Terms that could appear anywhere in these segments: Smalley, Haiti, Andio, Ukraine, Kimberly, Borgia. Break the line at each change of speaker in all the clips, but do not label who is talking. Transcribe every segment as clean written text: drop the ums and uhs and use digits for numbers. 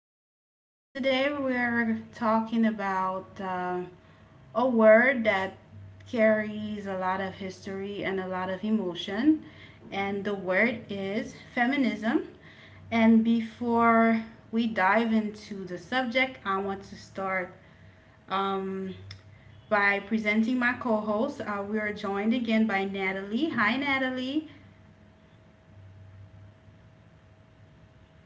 Um, Today we're talking about a word that carries a lot of history and a lot of emotion, and the word is feminism. And before we dive into the subject, I want to start um, by presenting my co host. We are joined again by Natalie. Hi, Natalie.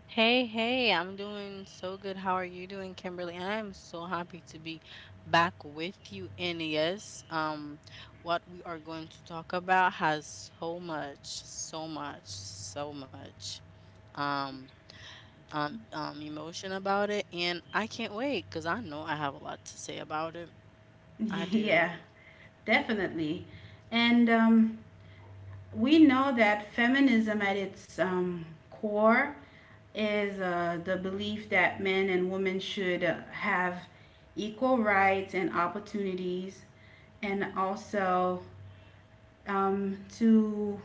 Hey, hey, I'm doing so good. How are you doing, Kimberly? I am so happy to be back with you. And yes, what we are going to talk about has so much, so much, so much um emotion about it, and I can't wait because I know I have a lot to say about it. I
Yeah.
do.
Definitely. And We know that feminism at its core is the belief that men and women should have equal rights and opportunities, and also um, to,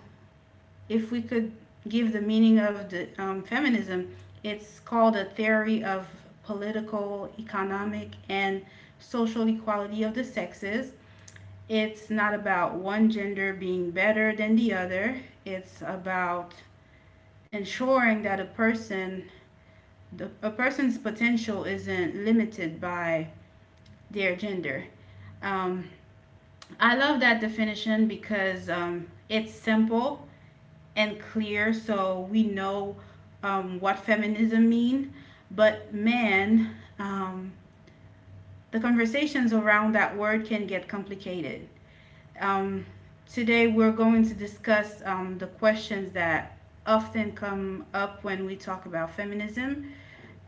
if we could give the meaning of the feminism, it's called a theory of political, economic, and social equality of the sexes. It's not about one gender being better than the other. It's about ensuring that a person's potential isn't limited by their gender. Um, I love that definition because it's simple and clear, so we know what feminism means. But man, um, the conversations around that word can get complicated. Um, Today, we're going to discuss the questions that often come up when we talk about feminism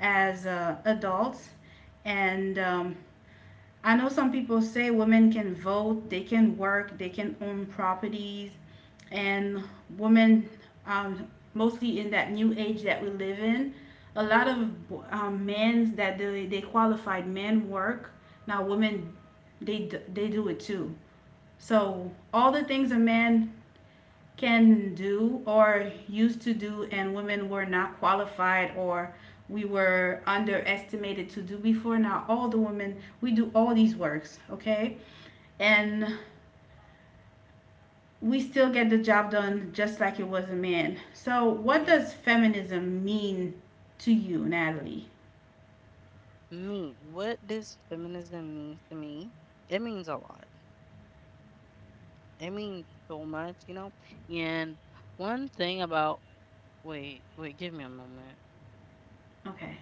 as adults. And I know some people say women can vote, they can work, they can own properties, and women, um, mostly in that new age that we live in, a lot of men that they qualified men work. Now, women, they, they do it too, so all the things a man can do or used to do, and women were not qualified or we were underestimated to do before, now all the women, we do all these works, okay? And we still get the job done just like it was a man. So, what
Yeah.
does feminism mean to you, Natalie?
Me, what does feminism mean to me? It means a lot. It means so much, you know. And one thing about Wait, wait, give me a moment.
Okay,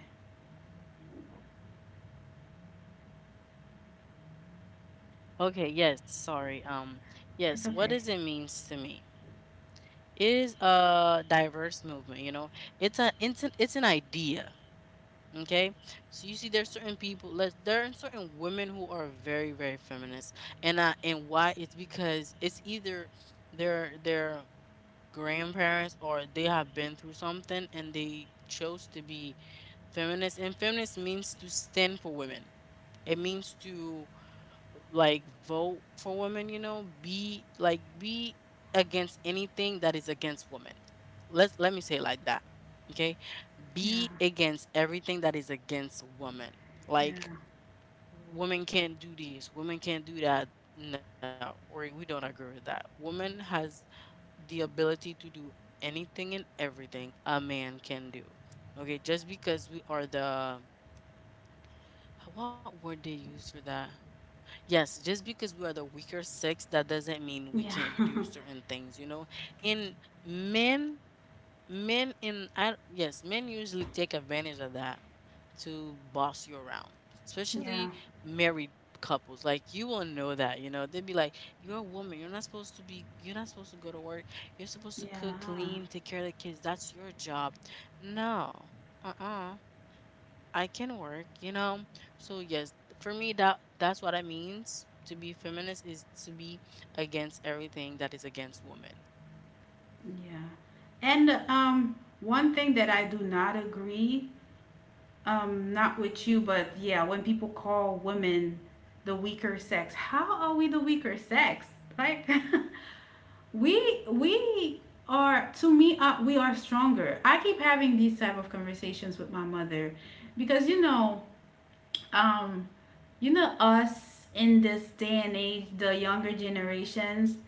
Okay, yes, sorry.
it's
Yes, what
okay.
does it means to me? It is a diverse movement, you know. It's an idea, okay? So you see there's certain people, let there are certain women who are very very feminist. And why it's because it's either their grandparents or they have been through something and they chose to be feminist. And feminist means to stand for women. It means to, like, vote for women, be against anything that is against women. Let me say it like that, okay?
Yeah,
Be against everything that is against women, like,
yeah,
women can't do this, women can't do that. No, or we don't agree with that. Woman has the ability to do anything and everything a man can do. Okay, just because we are the, what word they use for that? Yes, just because we are the weaker sex, that doesn't mean we
yeah,
can't do certain things, you know? And men, yes, men usually take advantage of that to boss you around, especially
yeah,
married couples. Like, you will know that, you know? They'd be like, you're a woman. You're not supposed to go to work. You're supposed to cook,
yeah.
clean, take care of the kids. That's your job. No. Uh-uh. I can work, you know. So yes, for me, that's what it means to be feminist, is to be against everything that is against women.
Yeah. And One thing that I do not agree, not with you, but yeah, when people call women the weaker sex, how are we the weaker sex? Like, we are, to me, we are stronger. I keep having these type of conversations with my mother, because, you know, um, you know, us in this day and age, the younger generations,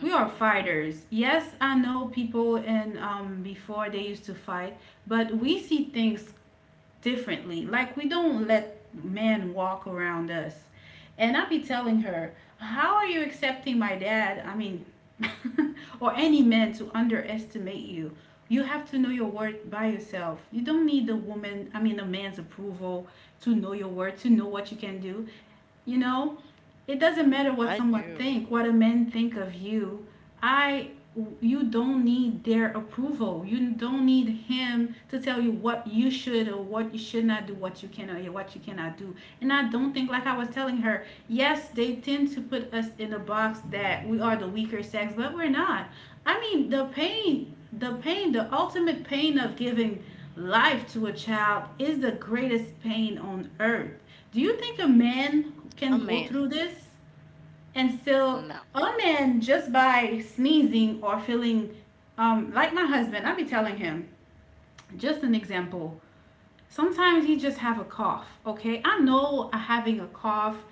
we are
Hmm.
fighters. Yes, I know people, and before they used to fight, but we see things differently. Like, we don't let men walk around us. And I be telling her, how are you accepting my dad? I mean, or any man to underestimate you. You have to know your worth by yourself. You don't need a woman, I mean, a man's approval to know your worth, to know what you can do. You know, it doesn't matter what someone
I
think,
do.
what a man think of you. I You don't need their approval, you don't need him to tell you what you should or what you should not do, what you can or what you cannot do. And I don't think, like I was telling her, yes, they tend to put us in a box that we are the weaker sex, but we're not. I mean, the pain, the ultimate pain of giving life to a child is the greatest pain on earth. Do you think a
A
man
man,
can go through this
no.
and still? Oh, man, just by sneezing or feeling, like my husband, I be telling him, just an example, sometimes he just have a cough. Okay, I know having a cough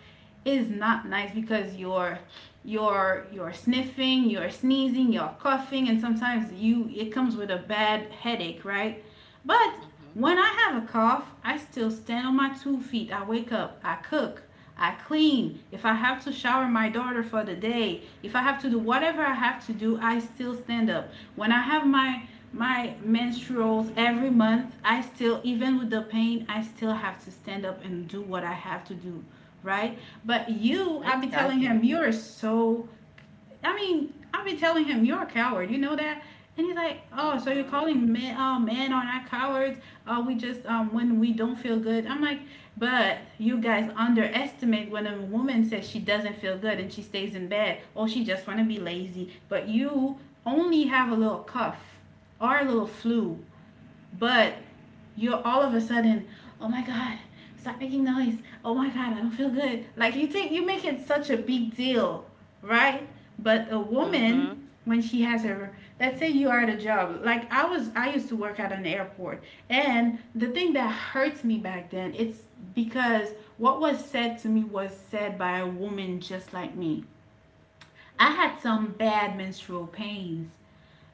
is not nice because you're, you're sniffing, you're sneezing, you're coughing, and sometimes you, it comes with a bad headache, right? But
Hmm.
when I have a cough, I still stand on my two feet. I wake up, I cook, I clean. If I have to shower my daughter for the day, if I have to do whatever I have to do, I still stand up. When I have my menstruals every month, I still, even with the pain, I still have to stand up and do what I have to do, right? But you, I'll be telling him,
Exactly.
you're so, I mean, I've been telling him you're a coward. You know that. And he's like, oh, so you're
Mm-hmm.
calling men, men are not cowards. We just, when we don't feel good. I'm like, but you guys underestimate when a woman says she doesn't feel good and she stays in bed or she just want to be lazy. But you only have a little cough or a little flu, but you're all of a sudden, oh my god, stop making noise. Oh my god, I don't feel good. Like, you take, you make it such a big deal, right? But a woman
Mm-hmm.
when she has her, let's say you are at a job, like I was, I used to work at an airport, and the thing that hurts me back then, it's because what was said to me was said by a woman just like me. I had some bad menstrual pains,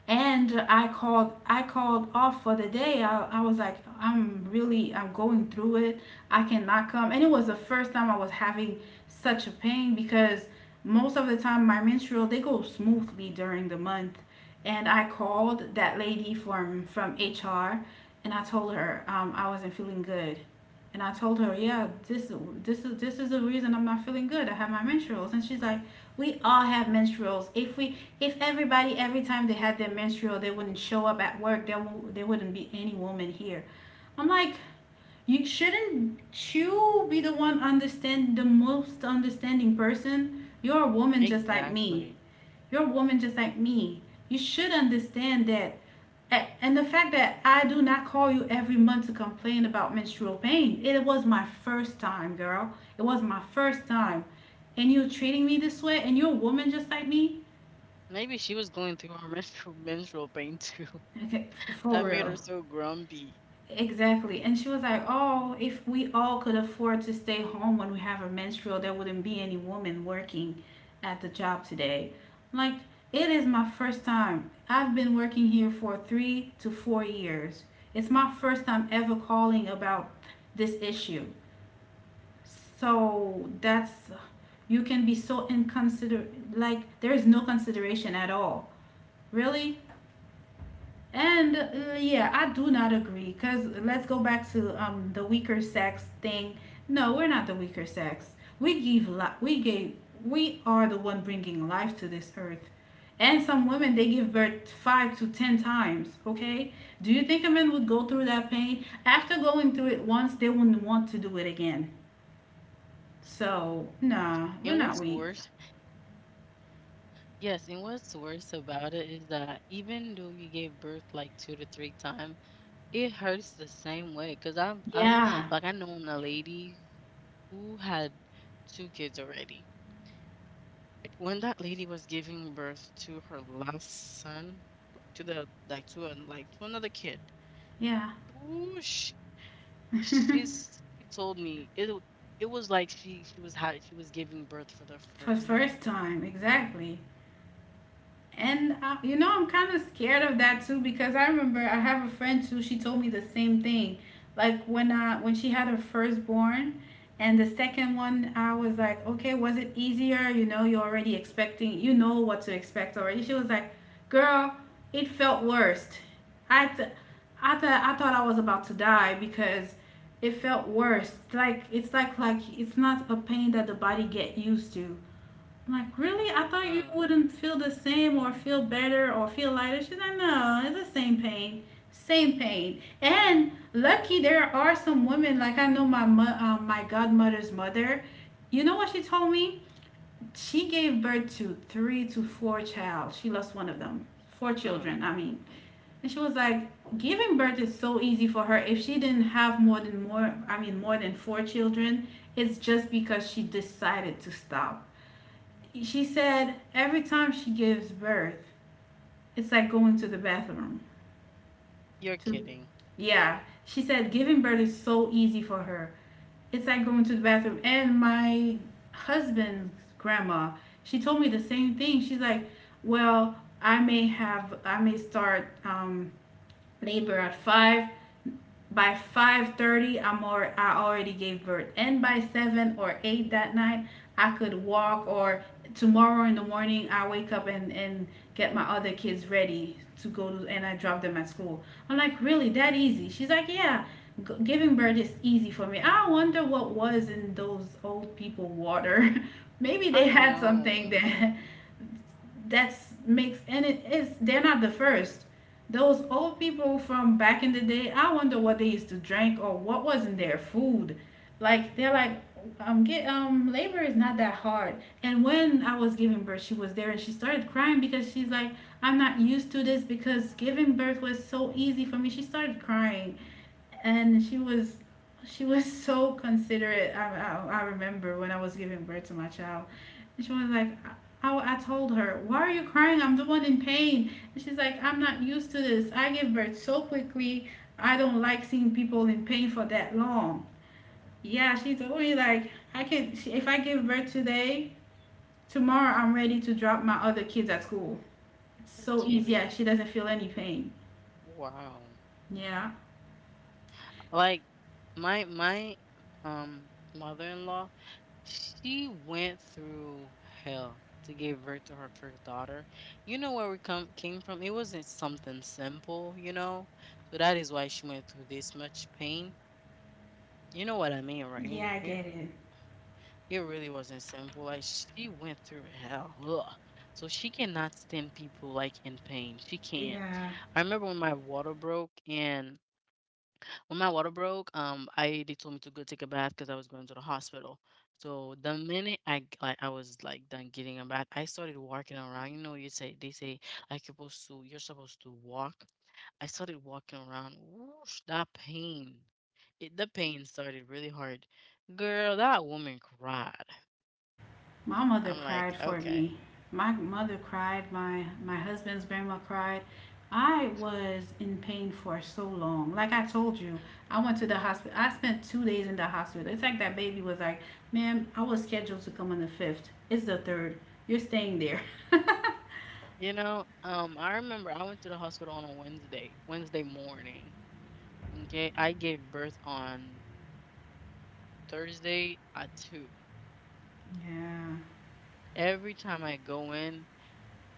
and I called off for the day. I was like, I'm really, I'm going through it, I cannot come. And it was the first time I was having such a pain, because most of the time my menstrual, they go smoothly during the month. And I called that lady from HR, and I told her, I wasn't feeling good. And I told her, yeah, this is the reason I'm not feeling good, I have my menstruals. And she's like, we all have menstruals. If we, if everybody, every time they had their menstrual, they wouldn't show up at work. There wouldn't be any woman here. I'm like, you shouldn't you be the one, understand, the most understanding person? You're a woman just like me.
Exactly.
You're a woman just like me. You should understand that, and the fact that I do not call you every month to complain about menstrual pain, it was my first time, girl. It was my first time. And you're treating me this way, and you're a woman just like me?
Maybe she was going through her menstrual menstrual pain too.
Okay, for
That made her
real.
so grumpy.
Exactly. And she was like, oh, if we all could afford to stay home when we have a menstrual, there wouldn't be any woman working at the job today. Like, it is my first time. I've been working here for 3 to 4 years. It's my first time ever calling about this issue. So that's, you can be so inconsiderate. Like, there is no consideration at all. Really? And yeah, I do not agree, because let's go back to the weaker sex thing. No, we're not the weaker sex. We gave, we are the one bringing life to this earth. And some women, they give birth 5 to 10 times, okay? Do you think a man would go through that pain? After going through it once, they wouldn't want to do it again. So, nah,
And
we're
what's
not weak.
worse, yes, and what's worse about it is that even though you gave birth like two to three times, it hurts the same way, because I 'cause I'm
Yeah.
like, I known a lady who had 2 kids already. When that lady was giving birth to her last son, like, to the like, to an like, to another kid,
Yeah.
ooh, sh she's she told me it was like she was giving birth for the
For
first time.
first time, exactly. And you know, I'm kind of scared of that too, because I remember I have a friend too. She told me the same thing. Like, when she had her firstborn and the second one, I was like, okay, was it easier? You know, you're already expecting, you know what to expect already. She was like, girl, it felt worst. I th- I thought I was about to die because it felt worse. Like, it's like, it's not a pain that the body get used to. Like, really? I thought you
Mm,
wouldn't feel the same or feel better or feel lighter. She's like, no, it's the same pain. Same pain. And lucky, there are some women, like I know my my godmother's mother. You know what she told me? She gave birth to three to four child. She lost one of them. Four
mm.
children, I mean. And she was like, giving birth is so easy for her. If she didn't have more than, I mean, more than four children, it's just because she decided to stop. She said every time she gives birth, it's like going to the bathroom.
You're
To
kidding.
Yeah, she said giving birth is so easy for her. It's like going to the bathroom. And my husband's grandma, she told me the same thing. She's like, "Well, I may start labor at 5, by 5:30 I'm or, I already gave birth, and by 7 or 8 that night I could walk, or tomorrow in the morning I wake up and get my other kids ready to go to, and I drop them at school." I'm like, "Really, that easy?" She's like, "Yeah. Giving birth is easy for me." I wonder what was in those old people water. Maybe they
I
had something
know.
that's makes and it is they're not the first. Those old people from back in the day, I wonder what they used to drink or what was in their food. Like they're like, get labor is not that hard. And when I was giving birth, she was there and she started crying because she's like, I'm not used to this, because giving birth was so easy for me. She started crying, and she was so considerate. I remember when I was giving birth to my child, and she was like, I told her, why are you crying? I'm the one in pain. And she's like, I'm not used to this. I give birth so quickly. I don't like seeing people in pain for that long. Yeah, she told me, like, I can, she, if I give birth today, tomorrow I'm ready to drop my other kids at school. It's
You're
so easy. Yeah, she
kidding.
doesn't feel any pain.
Wow.
Yeah.
Like, my um mother-in-law, she went through hell to give birth to her first daughter. You know where we come came from? It wasn't something simple, you know? So that is why she went through this much pain. You know what I mean, right?
Yeah, I get it.
It really wasn't simple. Like, she went through hell. Ugh. So she cannot stand people like in pain. She can't. I
Yeah.
remember when my water broke, and when my water broke, I they told me to go take a bath because I was going to the hospital. So the minute like I was like done getting a bath, I started walking around. You know, you say they say like you're supposed to walk. I started walking around. Whoosh, that pain. The pain started really hard. Girl, that woman cried.
My mother
I'm like,
cried for
okay.
me. My mother cried. My husband's grandma cried. I was in pain for so long. Like I told you, I went to the hospital. I spent 2 days in the hospital. It's like that baby was like, "Ma'am, I was scheduled to come on the fifth. It's the third. You're staying there."
You know, I remember I went to the hospital on a Wednesday, Wednesday morning. Okay, I gave birth on Thursday at 2.
Yeah.
Every time I go in,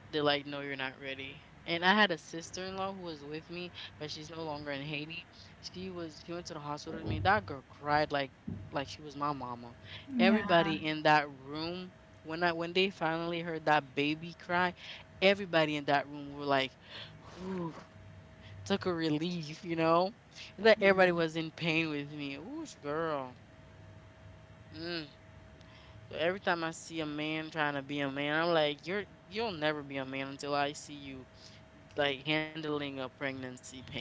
they're like, no, you're not ready. And I had a sister in law who was with me, but she's no longer in Haiti. She went to the hospital with me. That girl cried like, she was my mama. Everybody
Yeah.
in that room, when they finally heard that baby cry, everybody in that room were like, whew, took a relief, you know? That everybody was in pain with me. Ooh, girl. Mm. So every time I see a man trying to be a man, I'm like, you'll never be a man until I see you like handling a pregnancy pain.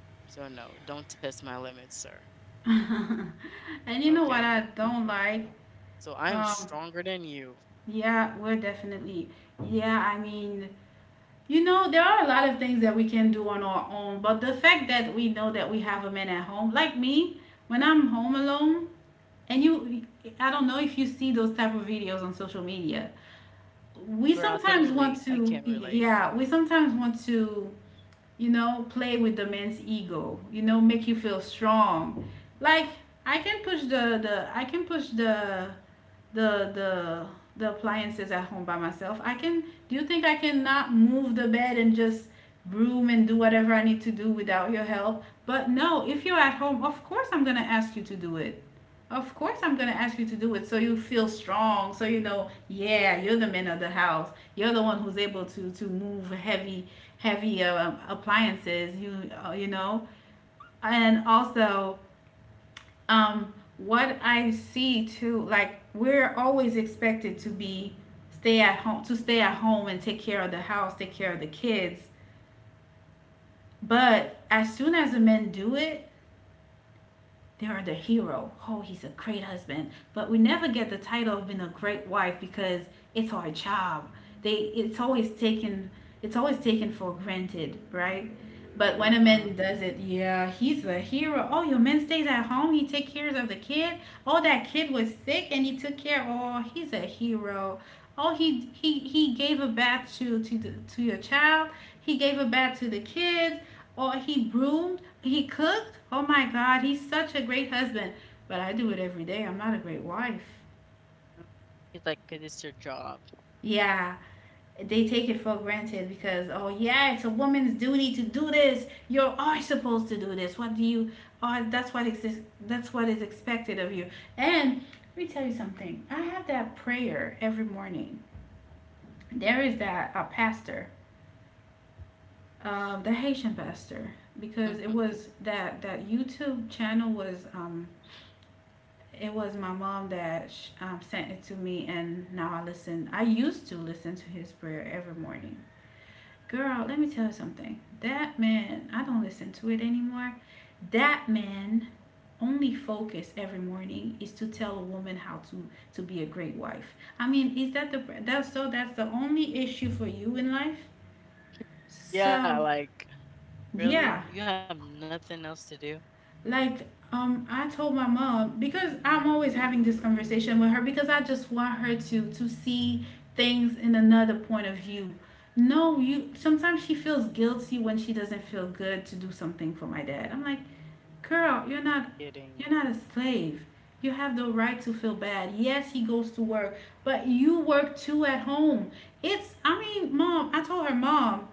So no, don't test my limits, sir. Okay?
And you know what I don't
So
like?
I'm stronger than
Um,
you.
yeah, we're definitely. Yeah, I mean, you know, there are a lot of things that we can do on our own, but the fact that we know that we have a man at home, like me, when I'm home alone, and you, I don't know if you see those type of videos on social media.
Girl, I
We
can
sometimes
relate. I
want
can
to,
relate.
yeah, we sometimes want to, play with the man's ego, you know, make you feel strong. Like I can push the the the appliances at home by myself. I can Do you think I cannot move the bed and just broom and do whatever I need to do without your help? But no, if you're at home, of course I'm going to ask you to do it. Of course, I'm going to ask you to do it so you feel strong. So you know, yeah, you're the man of the house. You're the one who's able to move heavy, heavy appliances. You you know, and also, what I see too, like we're always expected to be stay at home to stay at home and take care of the house, take care of the kids. But as soon as the men do it, they are the hero. Oh, he's a great husband. But we never get the title of being a great wife because it's our job. They It's always taken for granted, right? But when a man
Mhm.
does it, yeah, he's a hero. Oh, your man stays at home. He take care of the kid. Oh, that kid was sick and he took care. Oh, he's a hero. Oh, he gave a bath to to your child. He gave a bath to the kids, or he broomed, he cooked. Oh my God, he's such a great husband. But I do it every day. I'm not a great wife.
He's It's like, 'cause it's your job.
Yeah, they take it for granted because, oh yeah, it's a woman's duty to do this. You are supposed to do this. What do you? Oh, that's what exists. That's what is expected of you. And let me tell you something. I have that prayer every morning. There is that a pastor, the Haitian pastor, because it
Mhm.
was that YouTube channel was, it was my mom that sent it to me, and now I used to listen to his prayer every morning. Girl, let me tell you something. That man, I don't listen to it anymore. That man only focus every morning is to tell a woman how to be a great wife. I mean, is that's that's the only issue for you in life?
Yeah,
So,
like, really?
yeah,
You have nothing else to do?
like, I told my mom, because I'm always having this conversation with her, because I just want her to see things in another point of view. No, you sometimes she feels guilty when she doesn't feel good to do something for my dad. I'm like, "Girl, you're not
Kidding.
you're not a slave. You have the right to feel bad. Yes, he goes to work, but you work too at home." It's I mean, mom, I told her, "Mom,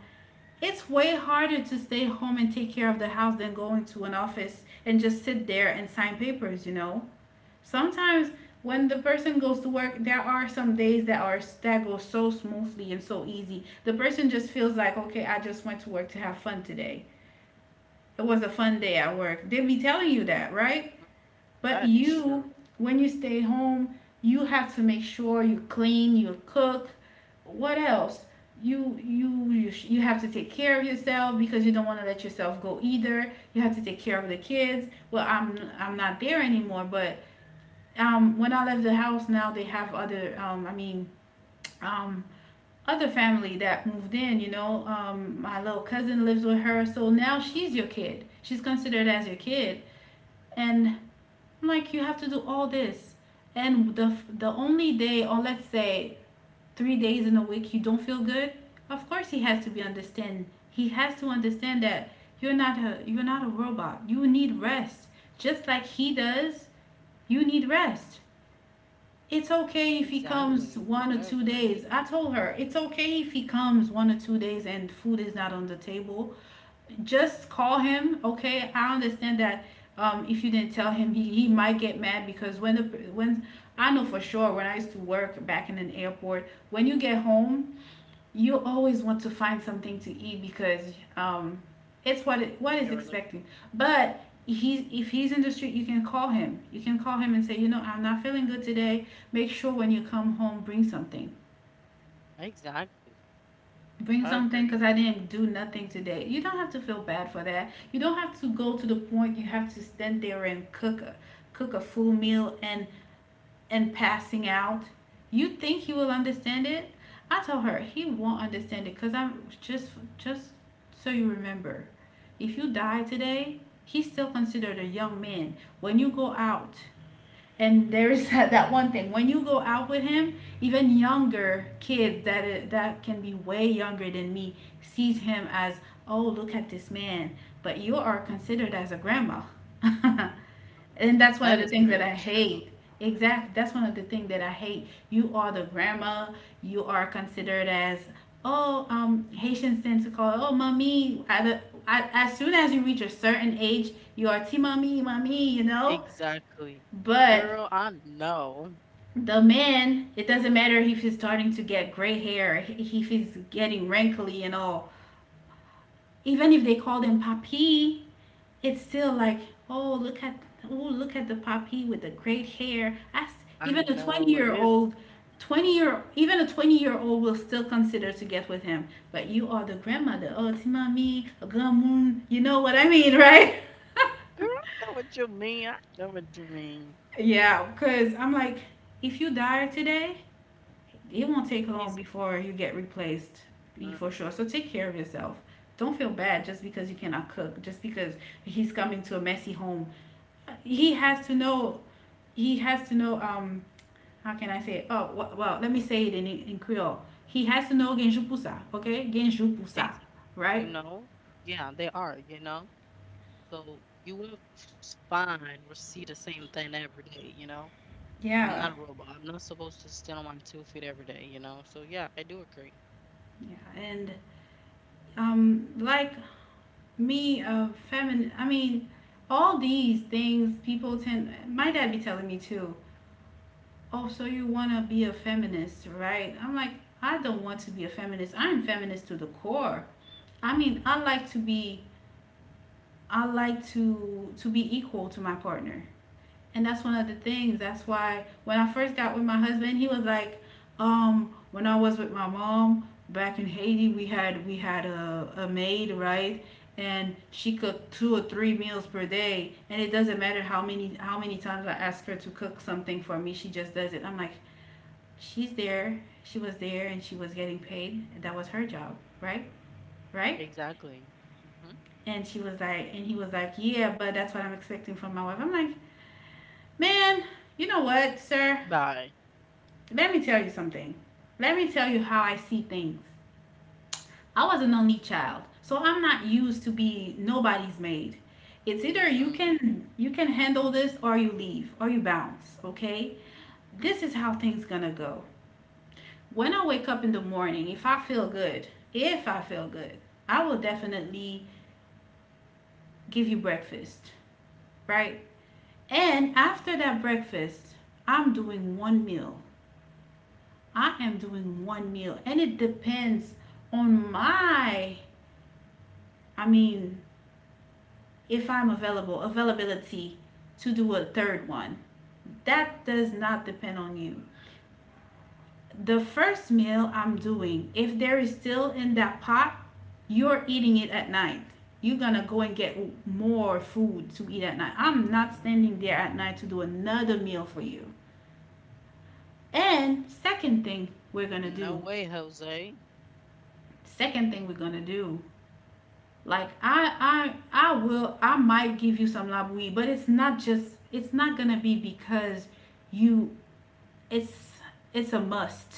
it's way harder to stay home and take care of the house than going to an office and just sit there and sign papers, you know? Sometimes when the
Mm,
person goes to work, there are some days that go so smoothly and so easy. The person just feels like, okay, I just went to work to have fun today. It was a fun day at work."
that
They
is
be telling
true.
you that, right? But you, when you stay home, you have to make sure you clean, you cook. What else? You have to take care of yourself, because you don't want to let yourself go either. You have to take care of the kids. Well, I'm not there anymore, but when I left the house now, they have other, um, other family that moved in. You know, my little cousin
Mhm.
lives with her, so now she's your kid. She's considered as your kid, and I'm like, you have to do all this. And the only day, or let's say 3 days in a week, you don't feel good. Of course, he has to be understand. He has to understand that you're not a robot. You need rest, just like he does. You need rest. It's okay if he
Exactly. I
comes one or
agree.
two days. I told her, it's okay if he comes 1 or 2 days and food is not on the table. Just call him. Okay, I understand that, if you didn't tell him, he might get mad, because when I know for sure, when I used to work back in an airport, when you get home, you always want to find something to eat, because, um, what
You're
is
like
expecting. But he's if he's in the street, you can call him, and say, you know, I'm not feeling good today. Make sure when you come home, bring something,
Exactly. I agree.
because I didn't do nothing today. You don't have to feel bad for that. You don't have to go to the point you have to stand there and cook a, full meal, and passing out. You think he will understand it? I told her he won't understand it, because I'm just so, you remember, if you die today, he's still considered a young man. When you go out, and there is that one thing, when you go out with him, even younger kids that can be way younger than me, sees him as, oh, look at this man, but you are considered as a grandma,
Mhm.
and that's
That
one of
is
the things that
really
I
true.
hate. Exactly, that's one of the things that I hate. You are the grandma. You are considered as, oh, Haitians tend to call, oh, mommy. At As soon as you reach a certain age, you are t mommy mommy. You know,
Exactly. Girl,
but
I know.
the man, it doesn't matter if he's starting to get gray hair, if he's getting wrinkly and all, even if they call them papi, it's still like, oh look at oh, look at the papi with the gray hair. As,
I
even a
know
20
what it
year
is.
old, 20 year, even a 20-year-old will still consider to get with him, but you are the grandmother, oh, timami gamun, you know what I mean, right?
Girl, I know what you mean. I know what you mean.
Yeah, because I'm like, if you die today, it won't take long
It's,
before you get replaced, be for
mm,
sure. So take care of yourself. Don't feel bad just because you cannot cook, just because he's coming to a messy home. He has to know. He has to know. How can I say it? Oh, well, let me say it in Creole. He has to know genju pusa, okay? Genju pusa,
it's
right?
you know, yeah, they are, you know. So you won't find or see the same thing every day, you know. I'm
Yeah,
not a robot. I'm not supposed to stand on my two feet every day, you know. So yeah, I do agree.
yeah. And, like me, feminine. I mean, all these things people tend. My dad be telling me too, oh, so you want to be a feminist, right? I'm like, I don't want to be a feminist. I am feminist to the core. I mean, I like to be equal to my partner. And that's one of the things. That's why when I first got with my husband, he was like, when I was with my mom back in Haiti, we had a maid, right? And she cooked two or three meals per day, and it doesn't matter how many times I ask her to cook something for me, she just does it. I'm like, she was there and she was getting paid and that was her job, right? Right.
Exactly. Hmm.
And she was like and he was like, "Yeah, but that's what I'm expecting from my wife." I'm like, man, you know what, sir,
Bye.
let me tell you something. Let me tell you how I see things. I was an only child, so I'm not used to be nobody's maid. It's either you
Hmm.
can, you can handle this, or you leave or you bounce. Okay? This is how things gonna go. When I wake up in the morning, if I feel good, if I feel good, I will definitely give you breakfast, right? And after that breakfast, I'm doing one meal. I am doing one meal, and it depends on I mean, if I'm available, availability to do a third one. That does not depend on you. The first meal I'm doing, if there is still in that pot, you're eating it at night. You're gonna go and get more food to eat at night. I'm not standing there at night to do another meal for you. And
No way, Jose.
second thing we're gonna do, like I will, I might give you some labui, but it's not gonna be because you, it's it's a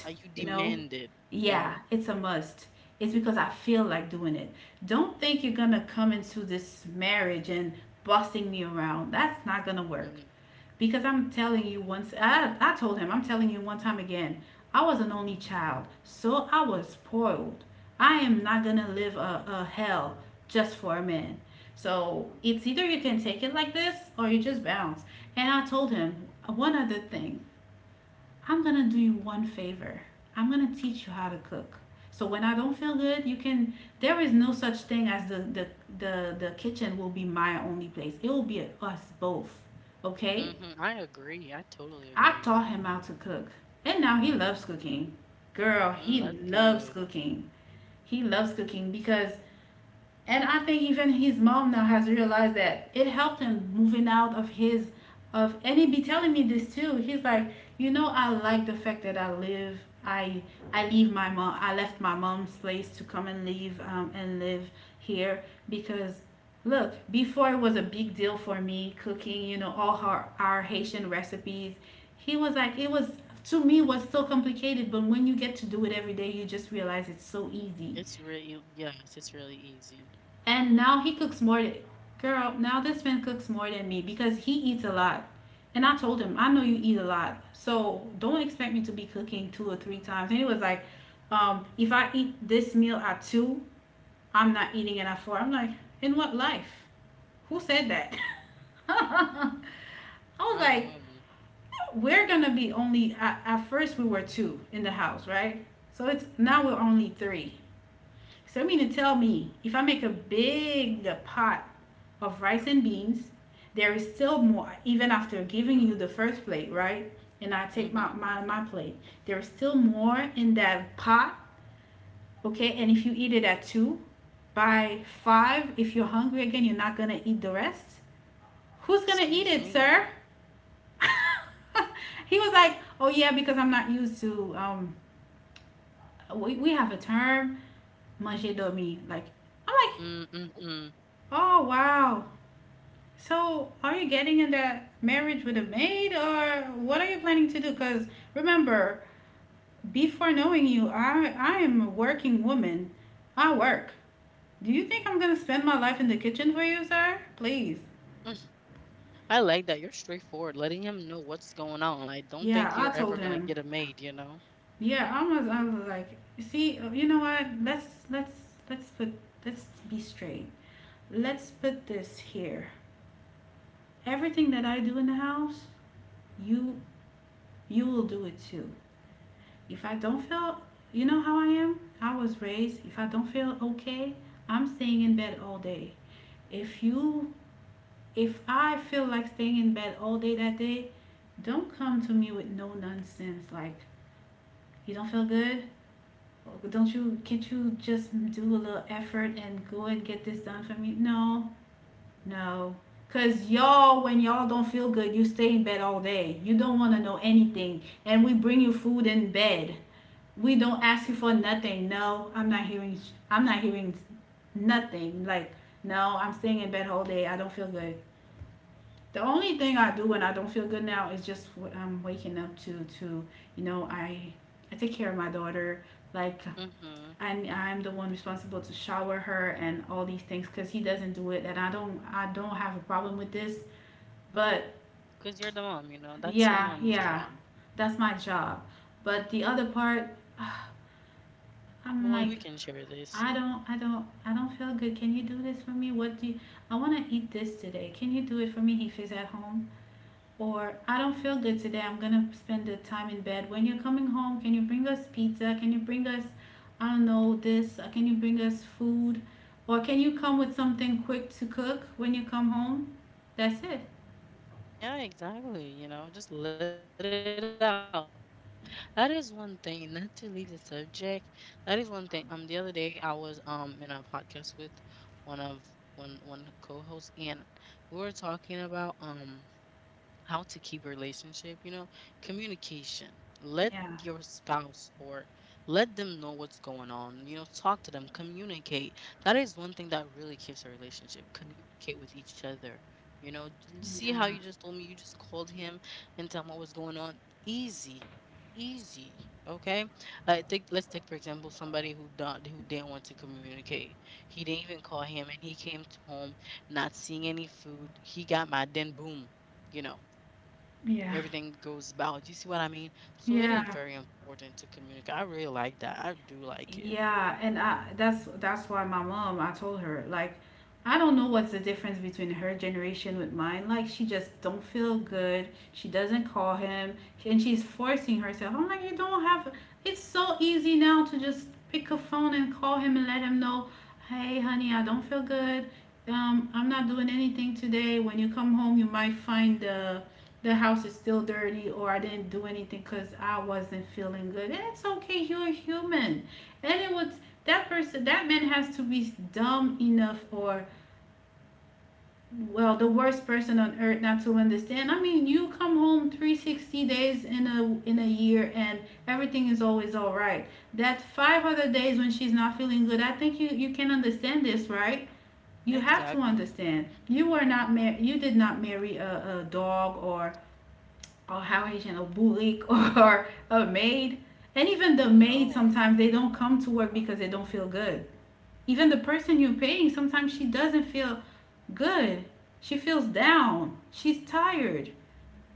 Are you
you know?
demanded? Yeah.
Yeah, it's a must. It's because I feel like doing it. Don't think you're gonna come into this marriage and bossing me around. That's not gonna work.
Mm.
Because I'm telling you, once I told him, I'm telling you one time again, I was an only child, so I was spoiled. I am not gonna live a hell just for a man. So it's either you can take it like this or you just bounce. And I told him one other thing. I'm gonna do you one favor. I'm gonna teach you how to cook. So when I don't feel good, you can. There is no such thing as the kitchen will be my only place. It will be us both. Okay.
Mhm. I agree. I totally
I
agree.
taught him how to cook, and now he loves cooking. Girl, he
Mm, that's
loves
good.
cooking. He loves cooking because, and I think even his mom now has realized that it helped him moving out of his, of, and he be telling me this too. He's like, I like the fact that I live. I leave my mom. I left my mom's place to come and leave and live here because, look, before it was a big deal for me cooking. You know, all our Haitian recipes. He was like, it was, to me was so complicated, but when you get to do it every day, you just realize it's so easy.
It's really yes, it's really easy.
And now he cooks more. Girl, now this man cooks more than me because he eats a lot. And I told him, I know you eat a lot, so don't expect me to be cooking two or three times. And he was like, if I eat this meal at 2, I'm not eating it at 4. I'm like, in what life? Who said that? I was
I
like,
know.
we're gonna be only at first we were two in the house, right? So it's now we're only three. So you mean to tell me if I make a big pot of rice and beans, there is still more even after giving you the first plate, right? And I take my,
Mhm.
my, my plate. There is still more in that pot, okay? And if you eat it at 2, by 5, if you're hungry again, you're not gonna eat the rest. Who's gonna eat
Excuse
it,
me.
sir? He was like, oh yeah, because I'm not used to, we have a term, manger dormi. Like, I'm like,
Mm mm mm.
oh, wow. So, are you getting in that marriage with a maid, or what are you planning to do? Cuz remember, before knowing you, I am a working woman. I work. Do you think I'm going to spend my life in the kitchen for you, sir? Please.
I like that. You're straightforward, letting him know what's going on. I don't
Yeah,
think you're
I
ever
told
gonna
him.
get a maid, you know.
Yeah, I was like, "See, you know what? Let's put let's be straight. Let's put this here. Everything that I do in the house, you you will do it too. If I don't feel, you know how I am? I was raised, if I don't feel okay, I'm staying in bed all day. If you if I feel like staying in bed all day that day, don't come to me with no nonsense like, you don't feel good? Don't you can't you just do a little effort and go and get this done for me? No. No. Cause y'all, when y'all don't feel good, you stay in bed all day. You don't wanna know anything. And we bring you food in bed, we don't ask you for nothing. No, I'm not hearing nothing. Like, no, I'm staying in bed whole day. I don't feel good. The only thing I do when I don't feel good now is just what I'm waking up to. To, you know, I I take care of my daughter. Like, and
Mhm.
I'm the one responsible to shower her and all these things, because he doesn't do it, and I don't. I don't have a problem with this. But
'Cause you're the mom, you know.
yeah,
That's your
yeah,
mommy's job.
that's my job. But the other part, I'm like,
Boy, we can share this.
I don't feel good. Can you do this for me? What do you, I want to eat this today. Can you do it for me if he's at home? Or I don't feel good today. I'm going to spend the time in bed. When you're coming home, can you bring us pizza? Can you bring us, I don't know, this? Can you bring us food? Or can you come with something quick to cook when you come home? That's it.
Yeah, exactly. You know, just let it out. That is one thing, not to leave the subject. That is one thing. The other day I was in a podcast with one of one one co-host, and we were talking about how to keep a relationship, you know, communication. Let your
Yeah.
spouse or let them know what's going on. You know, talk to them, communicate. That is one thing that really keeps a relationship. Communicate with each other. You know, see how
Yeah.
you just told me, you just called him and tell him what was going on. Easy, easy. Okay, I think, let's take for example somebody who didn't want to communicate. He didn't even call him, and he came home, not seeing any food. He got my then boom, you know,
Yeah.
everything goes about. You see what I mean? So it is
Yeah.
very important to communicate. I really like that. I do like it.
Yeah, and I, that's why my mom, I told her like, I don't know what's the difference between her generation with mine. Like, she just don't feel good, she doesn't call him, and she's forcing herself. I'm like, you don't have. It's so easy now to just pick a phone and call him and let him know, hey, honey, I don't feel good. I'm not doing anything today. When you come home, you might find the house is still dirty, or I didn't do anything because I wasn't feeling good. And it's okay. You're human. And it was, that person, that man, has to be dumb enough or, well, the worst person on earth not to understand. I mean, you come home 360 days in a year, and everything is always all right. That 5 other days when she's not feeling good, I think you can understand this, right? You have to
Exactly.
understand. You were not you did not marry a dog, or how Haitian, a bully, or a maid. And even the
I
maid
know.
sometimes they don't come to work because they don't feel good. Even the person you're paying, sometimes she doesn't feel good. She feels down, she's tired.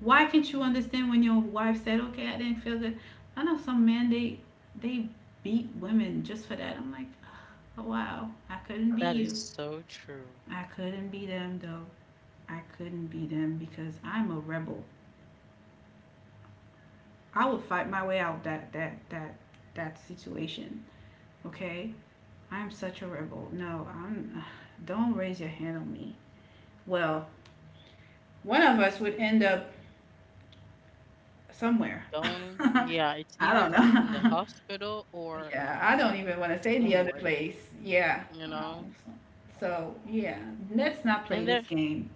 Why can't you understand when your wife said, okay, I didn't feel good? I know some men, they beat women just for that. I'm like, oh, wow, I couldn't be
That is
you.
so true.
I couldn't be them, though. I couldn't be them because I'm a rebel. I would fight my way out that that situation. Okay, I'm such a rebel. No, I'm don't raise your hand on me. Well, one of us would end up somewhere.
Going, yeah, it's
I don't
either in the
know.
hospital or
Yeah, I don't even want to say the other
somewhere,
place. Yeah.
you
Um,
know?
so, so, yeah, let's not play
And there,
this game.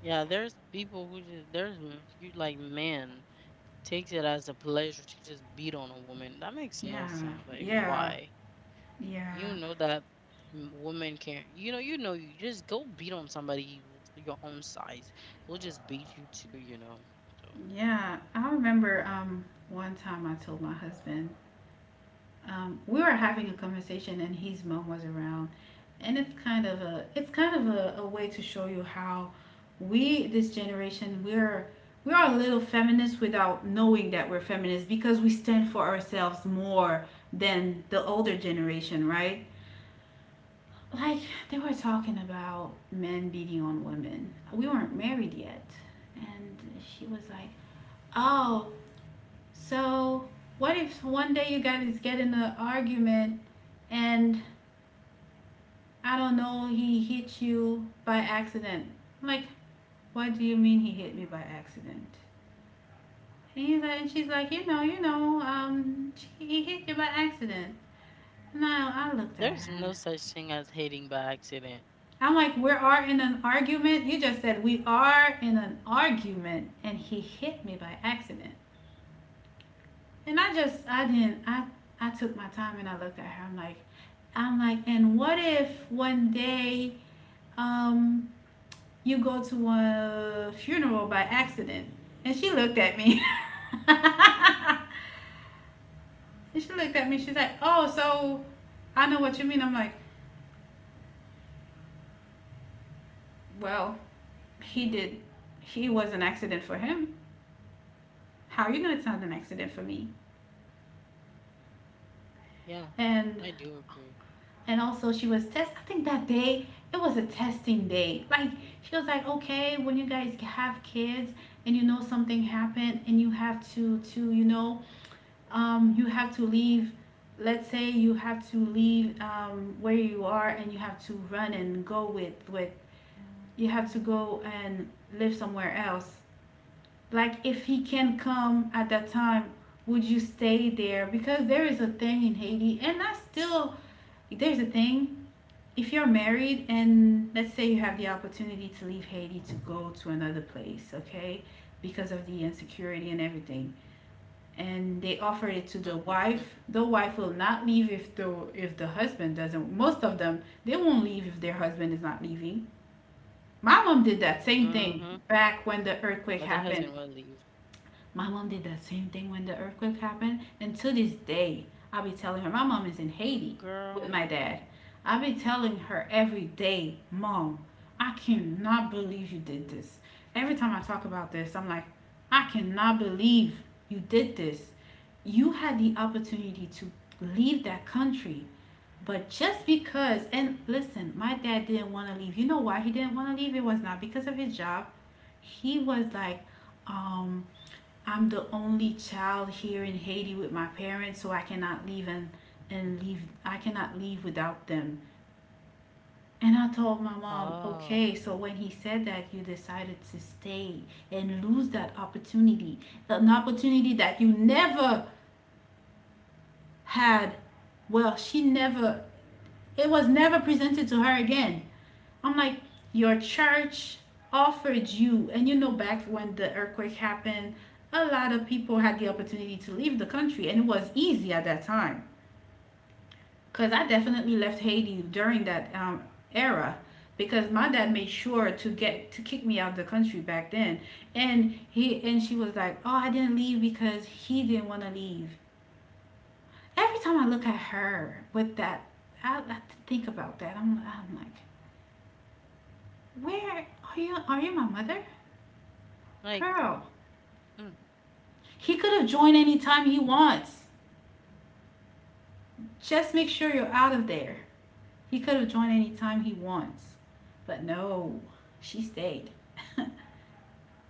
yeah, there's people who just, there's m- you like man takes it as a pleasure to just beat on a woman. That makes no
Yeah,
sense. Like,
yeah,
why?
yeah,
You know that woman can. You know, you just go beat on somebody your own size who'll just beat you too. You know, so
yeah. I remember one time I told my husband, we were having a conversation and his mom was around, and it's kind of a, it's kind of a way to show you how we, this generation, we're, we are a little feminist without knowing that we're feminists, because we stand for ourselves more than the older generation, right? Like, they were talking about men beating on women, we weren't married yet. And she was like, oh, so what if one day you guys get in an argument, and, I don't know, he hit you by accident. I'm like, what do you mean he hit me by accident? And she's like, you know, he hit you by accident. No, I looked at
there's
her.
no such thing as hating by accident.
I'm like, we are in an argument. You just said we are in an argument, and he hit me by accident. And I just, I didn't, I took my time and I looked at her. I'm like, and what if one day, um, you go to a funeral by accident. And she looked at me. And she looked at me. She's like, oh, so I know what you mean. I'm like, well, he did. He was an accident for him. How you know it's not an accident for me?
Yeah,
And
I do agree.
and also she was test. I think that day it was a testing day. Like she was like, okay, when you guys have kids and you know something happened and you have to you know you have to leave, let's say you have to leave where you are and you have to run and go with you have to go and live somewhere else, like if he can come at that time, would you stay there? Because there is a thing in Haiti, and that's still, there's a thing, if you're married and let's say you have the opportunity to leave Haiti to go to another place, okay, because of the insecurity and everything.
Mhm,
And they
mhm,
offer it to the wife, the wife will not leave if the husband doesn't. Most of them, they won't leave if their husband is not leaving. My mom
mhm.
did that same thing
But the
back when
husband
the
will
earthquake
leave,
happened. My mom did that same thing when the earthquake happened. And to this day, I'll be telling her, my mom is in
girl.
Haiti with my dad. I'll be telling her every day, Mom, I cannot believe you did this. Every time I talk about this, I'm like, I cannot believe you did this. You had the opportunity to leave that country. But just because, and listen, my dad didn't want to leave. You know why he didn't want to leave? It was not because of his job. He was like, um, I'm the only child here in Haiti with my parents, so I cannot leave and leave. I cannot leave without them. And I told my
Oh,
mom,
w-
okay, so when he said that, you decided to stay and lose that opportunity, an opportunity that you never had. Well, she never, it was never presented to her again. I'm like, your church offered you, and you know, back when the earthquake happened, a lot of people had the opportunity to leave the country, and it was easy at that time. Because I definitely left Haiti during that era, because my dad made sure to get to kick me out of the country back then. And she was like, oh, I didn't leave because he didn't want to leave. Every time I look at her with that, I think about that. I'm like, where are you? Are you my mother?
like.
Girl,
Mm.
he could have joined anytime he wants. Just make sure you're out of there. He could have joined anytime he wants. But no, she stayed.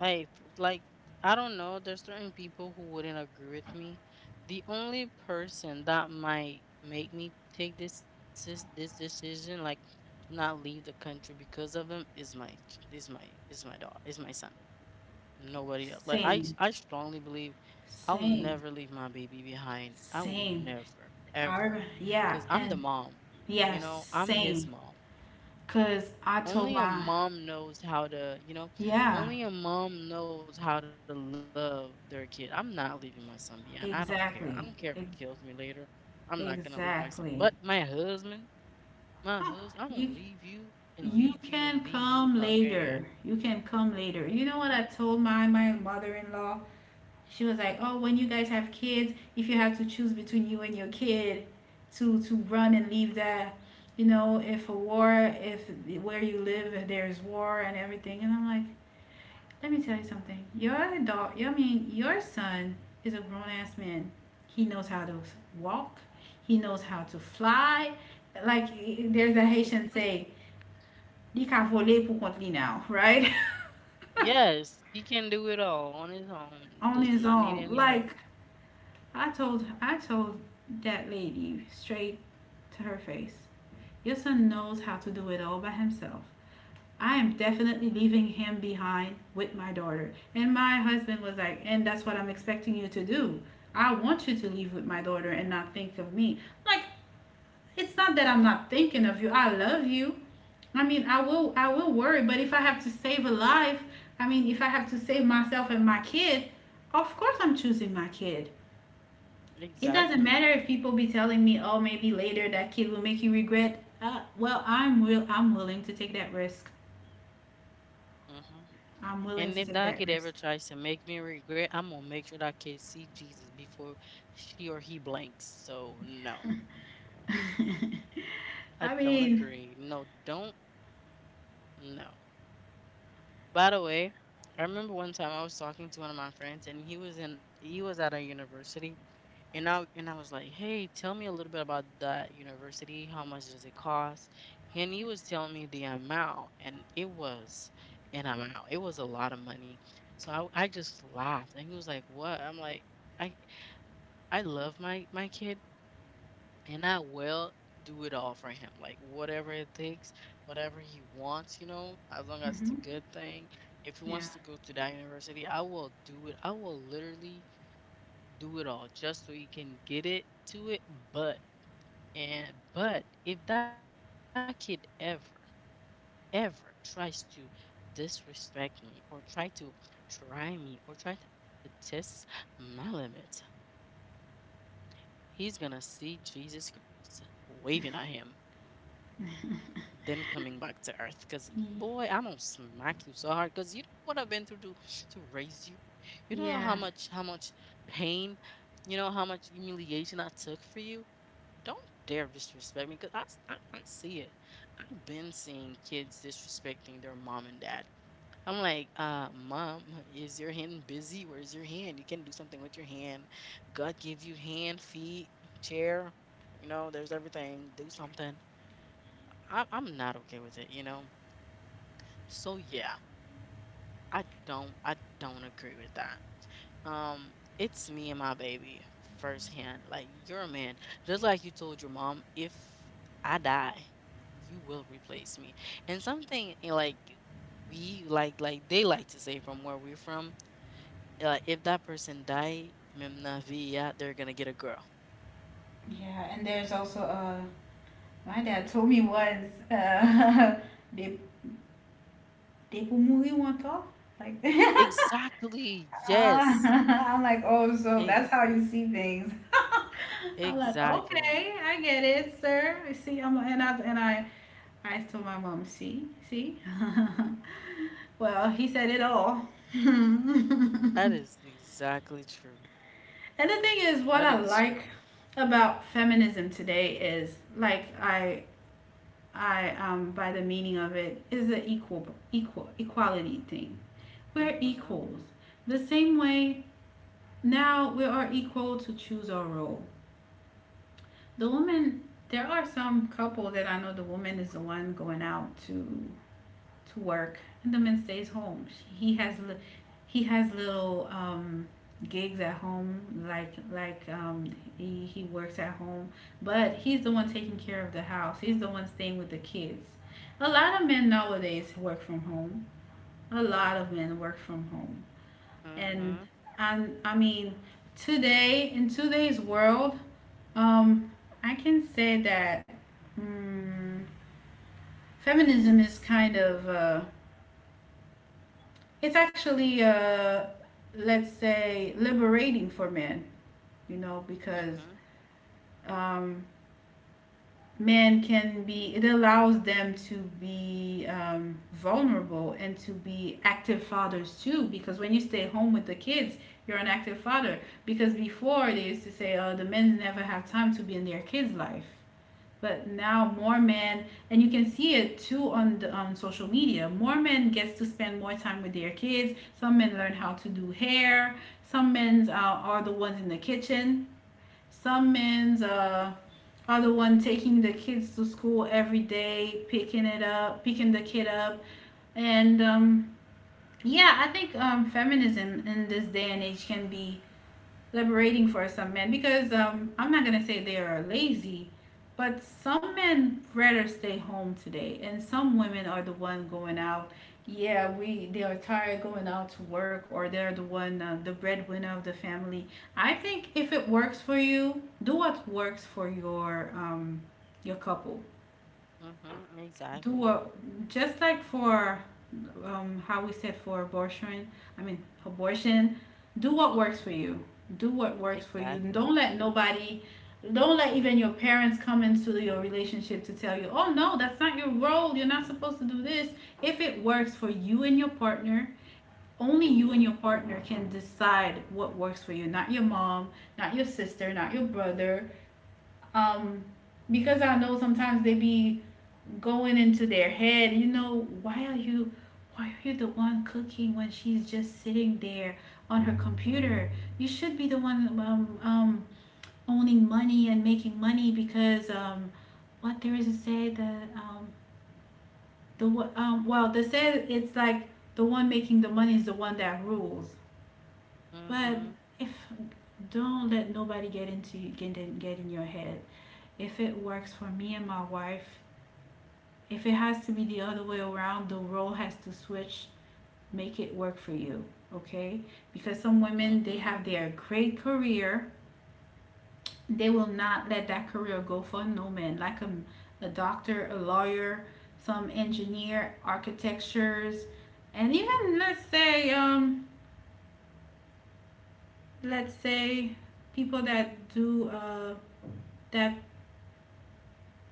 Hey, like, I don't know, there's certain people who wouldn't agree with me. The only person that might make me take this decision, like, to not leave the country because of him, is my is my dog, is my son. Nobody else. Like, I s-
Same,
I strongly believe I'll
same,
never leave my baby behind. I will
same.
never
Our,
ever,
yeah,
'cause I'm the
and
mom. You
yes,
know, I'm his
same.
mom.
Because I told
Only a
my,
mom knows how to, you know,
yeah,
Only a mom knows how to love their kid. I'm not leaving my son behind. I don't care. I don't care if it
exactly.
kills me
Ex-
later. I'm not gonna leave my son. But my
exactly.
husband, my husband,
Ah,
I'm gonna
You
leave you and leave
you
you and
can
leave you
come
again.
later. You can come later. You
Mm.
know what I told my my mother-in-law? She was like, "Oh, when you guys have kids, if you have to choose between you and your kid, to run and leave that, you know, if a war, if where you live, if there is war and everything." And I'm like, "Let me tell you something. Your adult, I mean, your son is a grown ass man. He knows how to walk. He knows how to fly. Like there's a Haitian say." "Li ka voler pou kont li now," right?
Yes, he can do it all on his own.
On
Does
his
not need
own.
any
Like,
help.
I told that lady straight to her face. Your son knows how to do it all by himself. I am definitely leaving him behind with my daughter. And my husband was like, and that's what I'm expecting you to do. I want you to leave with my daughter and not think of me. Like, it's not that I'm not thinking of you. I love you. I mean, I will worry, but if I have to save a life, I mean, if I have to save myself and my kid, of course I'm choosing my kid. It doesn't matter
Exactly.
if people be telling me, "Oh, maybe later that kid will make you regret." Well, I'm willing to take that risk.
Hmm.
I'm willing
And
to
if
take
that
that
kid ever
risk.
tries to make me regret, I'm gonna make sure that kid see Jesus before she or he blanks. So no. I
I
don't
mean,
agree. No, don't. No. By the way, I remember one time I was talking to one of my friends and he was at a university, and I was like, "Hey, tell me a little bit about that university. How much does it cost?" And he was telling me the amount, and it was an amount. It was a lot of money. So I just laughed, and he was like, "What?" I'm like, "I I love my kid, and I will do it all for him. Like, whatever it takes, whatever he wants, you know, as long as it's a
hmm,
good thing. If he
yeah,
wants to go to that university, I will do it. I will literally do it all just so he can get it to it. But but if that kid ever tries to disrespect me or try to try me or try to test my limits, he's gonna see Jesus Christ waving at him, then coming back to earth. Because, boy, I'm gonna
Y-
smack you so hard. Because you know what I've been through to raise you. You don't know how much how
yeah,
much pain, you know how much humiliation I took for you. Don't dare disrespect me, cause I see it. I've been seeing kids disrespecting their mom and dad. I'm like, mom, is your hand busy? Where's your hand? You can do something with your hand. God gave you hand, feet, chair. You know, there's everything. Do something. I'm not okay with it, you know? So yeah, I don't agree with that. Um, it's me and my baby firsthand. Like you're a man. Just like you told your mom, if I die, you will replace me. And something like they like to say from where we're from, like if that person die, mem na vie, yeah, they're gonna get a girl.
yeah. And there's also my dad told me once, they they will move one talk like.
Exactly, yes.
I'm like, oh, so that's
Ex-
how you see things. I'm like,
exactly.
okay, I get it, sir. You see, I'm and I I told my mom, see, see. Well, he said it all.
That
And
is exactly true.
the thing is, what
That
I
is
like
true.
about feminism today is like I by the meaning of it is the equal equality thing. We're
Mhm.
equals. The same way now we are equal to choose our role. The woman, there are some couples that I know, the woman is the one going out to work, and the man stays home. He has he has little gigs at home, like he works at home, but he's the one taking care of the house. He's the one staying with the kids. A lot of men nowadays work from home. A lot of men work from home, and
Mhm.
I mean today in today's world, um, I can say that. mm Feminism is kind of it's actually let's say liberating for men, you know, because
Mhm.
um, men can be, it allows them to be vulnerable and to be active fathers too, because when you stay home with the kids you're an active father. Because before, they used to say, oh, the men never have time to be in their kids life. But now more men, and you can see it too on the social media, more men gets to spend more time with their kids. Some men learn how to do hair, some men are the ones in the kitchen, some men are the one taking the kids to school every day, picking it up, picking the kid up. And yeah, I think feminism in this day and age can be liberating for some men, because I'm not gonna say they are lazy, but some men rather stay home today, and some women are the one going out. Yeah, we they are tired going out to work, or they're the one the breadwinner of the family. I think if it works for you, do what works for your couple,
Mhm.
do
Exactly.
a, just like for how we said for abortion, I mean, abortion, do what works
Mhm.
for you. Do what works for you.
Exactly.
Don't let nobody, don't let even your parents come into your relationship to tell you, oh no, that's not your role. You're not supposed to do this. If it works for you and your partner, only
Do
you
it.
and your partner can decide what works for you. Not your mom, not your sister, not your brother. Um, because I know sometimes they be going into their head, you know, why are you, why are you the one cooking when she's just sitting there on her computer? You should be the one owning money and making money, because what there is to say that the well, they say it's like the one making the money is the one that rules. But
Mhm.
if, don't let nobody get into you, get in your head. If it works for me and my wife, if it has to be the other way around, the role has to switch. Make it work for you, okay? Because some women, they
Mhm.
have their great career. They will not let that career go for no man, like a doctor, a lawyer, some engineer, architectures, and even let's say people that do, that,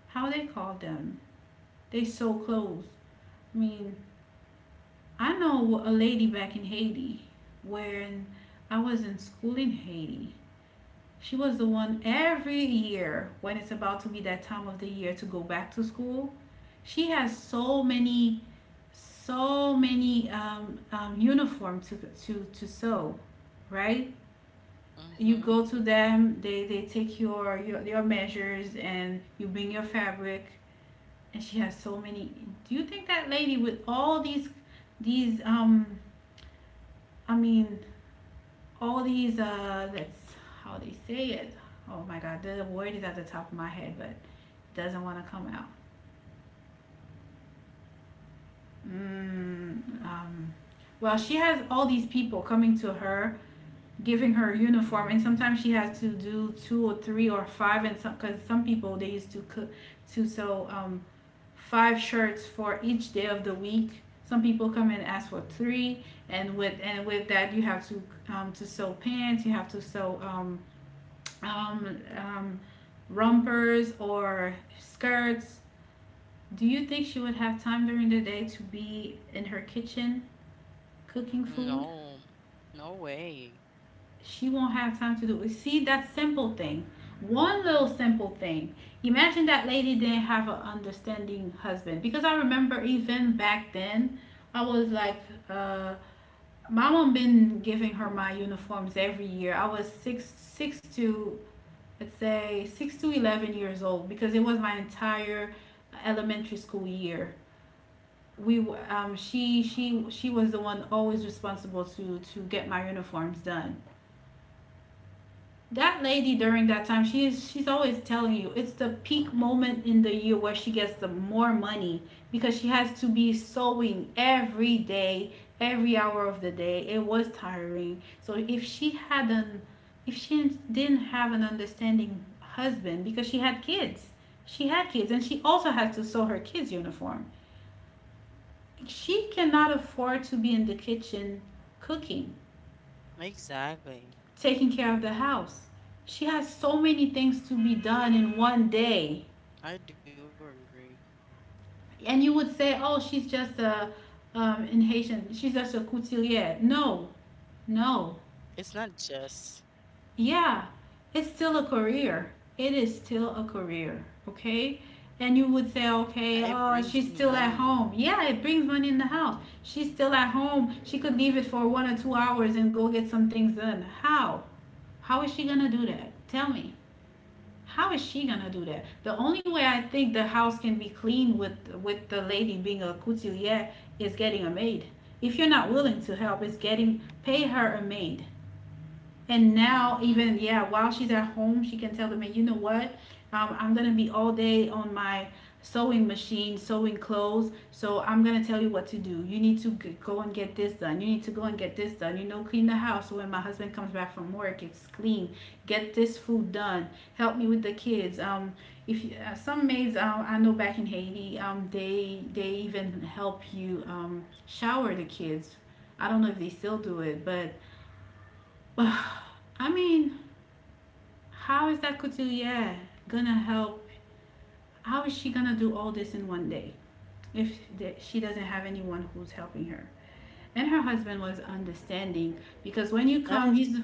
how they call them? They sew clothes. I mean, I know a lady back in Haiti when I was in school in Haiti. She was the one every year when it's about to be that time of the year to go back to school. She has so many, so many uniform to sew, right? You
Mhm.
go to them, they take your measures and you bring your fabric. And she has so many. Do you think that lady with all these, um, I mean, all these that's how they say it. Oh my god, the word is at the top of my head, but it doesn't want to come out. mm, um, well, she has all these people coming to her, giving her uniform, and sometimes she has to do two or three or five. And some, because some people they used to cook to sew five shirts for each day of the week. Some people come and ask for three. And with that you have to sew pants. You have to sew um, um, rompers or skirts. Do you think she would have time during the day to be in her kitchen cooking food?
No. No way.
She won't have time to do it. See that simple thing. One little simple thing. Imagine that lady didn't have an understanding husband. Because I remember even back then, I was like, uh, my mom been giving her my uniforms every year. I was six six to let's say 6 to 11 years old, because it was my entire elementary school year. We um, she she she was the one always responsible to get my uniforms done. That lady during that time, she's always telling you it's the peak moment in the year where she gets the more money, because she has to be sewing every day, every hour of the day. It was tiring. So if she didn't have an understanding husband, because she had kids. She had kids, and she also had to sew her kids uniform. She cannot afford to be in the kitchen cooking,
Exactly.
taking care of the house. She has so many things to be done in one day.
I do agree.
And you would say, oh, in Haitian, she's just a couturier. No, no.
It's not just.
Yeah, it's still a career. It is still a career, okay? And you would say,
It
okay, oh,
brings you
she's still at
money.
home. Yeah, it brings money in the house. She's still at home. She could leave it for 1 or 2 hours and go get some things done. How? How is she gonna do that? Tell me. How is she gonna do that? The only way I think the house can be clean with the lady being a couturier is getting a maid. If you're not willing to help, is getting pay her a maid. And now,
Mhm.
even yeah, while she's at home, she can tell the man, you know what, I'm gonna be all day on my sewing machine sewing clothes. So I'm gonna tell you what to do. You need to go and get this done. You need to go and get this done. You know, clean the house. When my husband comes back from work, it's clean. Get this food done. Help me with the kids. If you, some maids I know back in Haiti, they even help you shower the kids. I don't know if they still do it, but I mean, how is that couturier gonna help? How is she gonna do all this in one day if she doesn't have anyone who's helping her? And her husband was understanding, because when you
That
come,
is
he's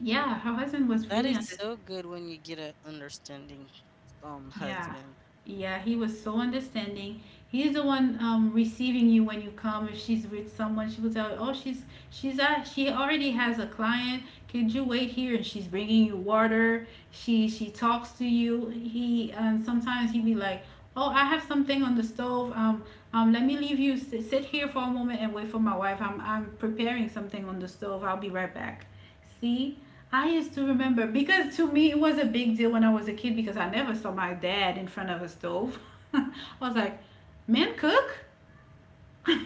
yeah, her husband was
that
really
is
understanding.
so good when you get an understanding
Yeah.
husband.
Yeah, he was so understanding. He's the one receiving you when you come. If she's with someone, she will tell you, "Oh, she already has a client. Could you wait here?" And she's bringing you water. She talks to you. He, and sometimes he'd be like, "Oh, I have something on the stove. Let me leave you sit here for a moment and wait for my wife. I'm preparing something on the stove. I'll be right back." See, I used to remember, because to me it was a big deal when I was a kid, because I never saw my dad in front of a stove. I was like, "Men cook?"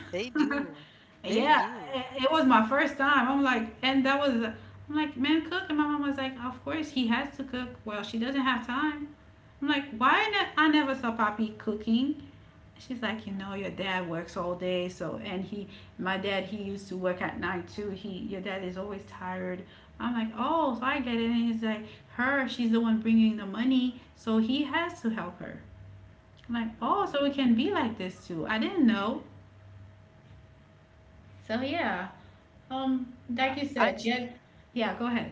They do. They
Yeah,
do.
it was my first time. I'm like, and that was, I'm like, "Men cook?" And my mom was like, "Of course he has to cook. Well, she doesn't have time." I'm like, "Why? I never saw papi cooking." She's like, you know, your dad works all day, so my dad, he used to work at night too. Your dad is always tired. I'm like, oh, so I get it. And he's like, she's the one bringing the money, so he has to help her. I'm like, oh, so
Mhm.
it can be like this too. I didn't know. So yeah, um, like you
I
said, yeah, go ahead.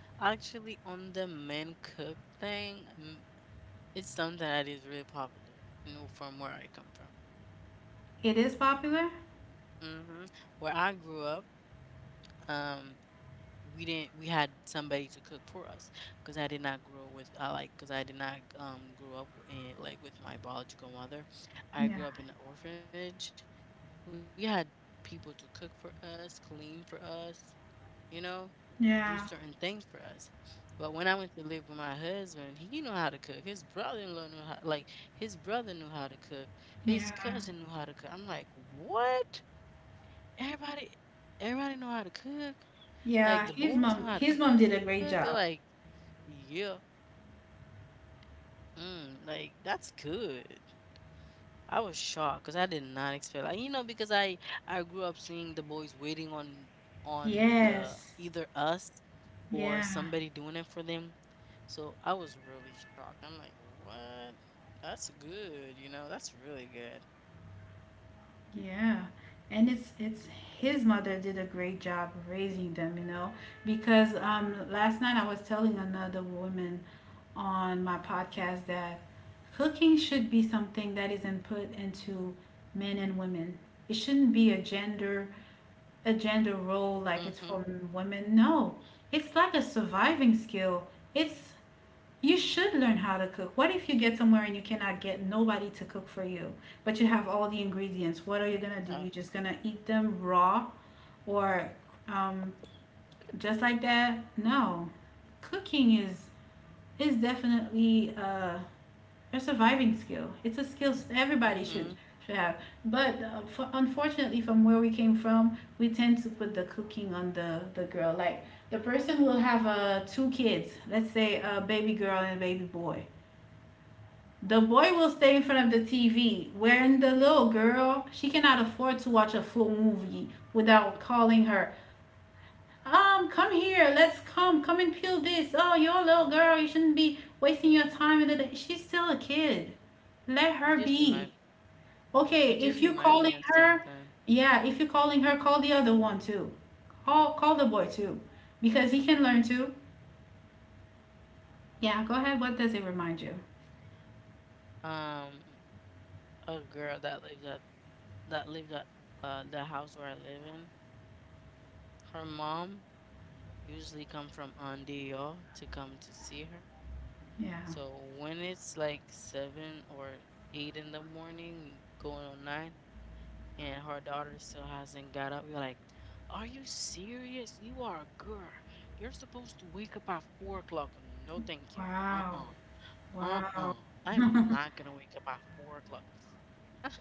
actually, on the men cook thing, it's something that is really popular, from where I come from.
It is popular.
hmm Where I grew up, um, we didn't we had somebody to cook for us because I did not grow with I like because I did not grow up in like with my biological mother. I grew
Yeah,
up in an orphanage. We had people to cook for us, clean for us, you know, do certain
yeah,
things for us. But when I went to live with my husband, he knew how to cook. His brother-in-law knew how, like his brother knew how to cook. His
yeah,
cousin knew how to cook. I'm like, what? Everybody, everybody know how to cook. Like
yeah.
the boys know how to
His mom
cook.
did a
They're
great
like,
job.
yeah, like that's good. I was shocked because I did not expect, like because I grew up seeing the boys waiting on the
Yes,
either us or
yeah.
somebody doing it for them. So I was really shocked. I'm like, what? That's good. You know, that's really good.
Yeah. And it's his mother did a great job raising them, you know, because last night I was telling another woman on my podcast that cooking should be something that isn't put into men and women. It shouldn't be a gender, a gender
Mm-hmm.
role, like it's for women. No. It's like a surviving skill. It's You should learn how to cook. What if you get somewhere and you cannot get nobody to cook for you, but you have all the ingredients? What are you
Uh,
gonna do? You just gonna eat them raw or um, just like that? No, cooking is definitely a surviving skill. It's a skill everybody
mm-hmm.
should have. But unfortunately, from where we came from, we tend to put the cooking on the girl. Like the person will have two kids. Let's say a baby girl and a baby boy. The boy will stay in front of the TV, wherein the little girl, she cannot afford to watch a full movie without calling her, come here, come and peel this. Oh, you're a little girl, you shouldn't be wasting your time in the- day. She's still a kid. Let her
You just
be.
remind
Okay,
you
if you're
just
calling
remind me of
her,
something.
yeah, if you're calling her, call the other one too. Call the boy too, because he can learn too. Yeah, go ahead. What does it remind you?
Um, a girl that lives at that lives at the house where I live in. Her mom usually come from Andio to come to see her.
Yeah.
So when it's like 7 or 8 in the morning, going on 9, and her daughter still hasn't got up. We are like, are you serious? You are a girl. You're supposed to wake up at 4 o'clock. No, thank you. Uh
Wow.
uh. Uh uh.
Wow.
I'm not gonna wake up at 4 o'clock.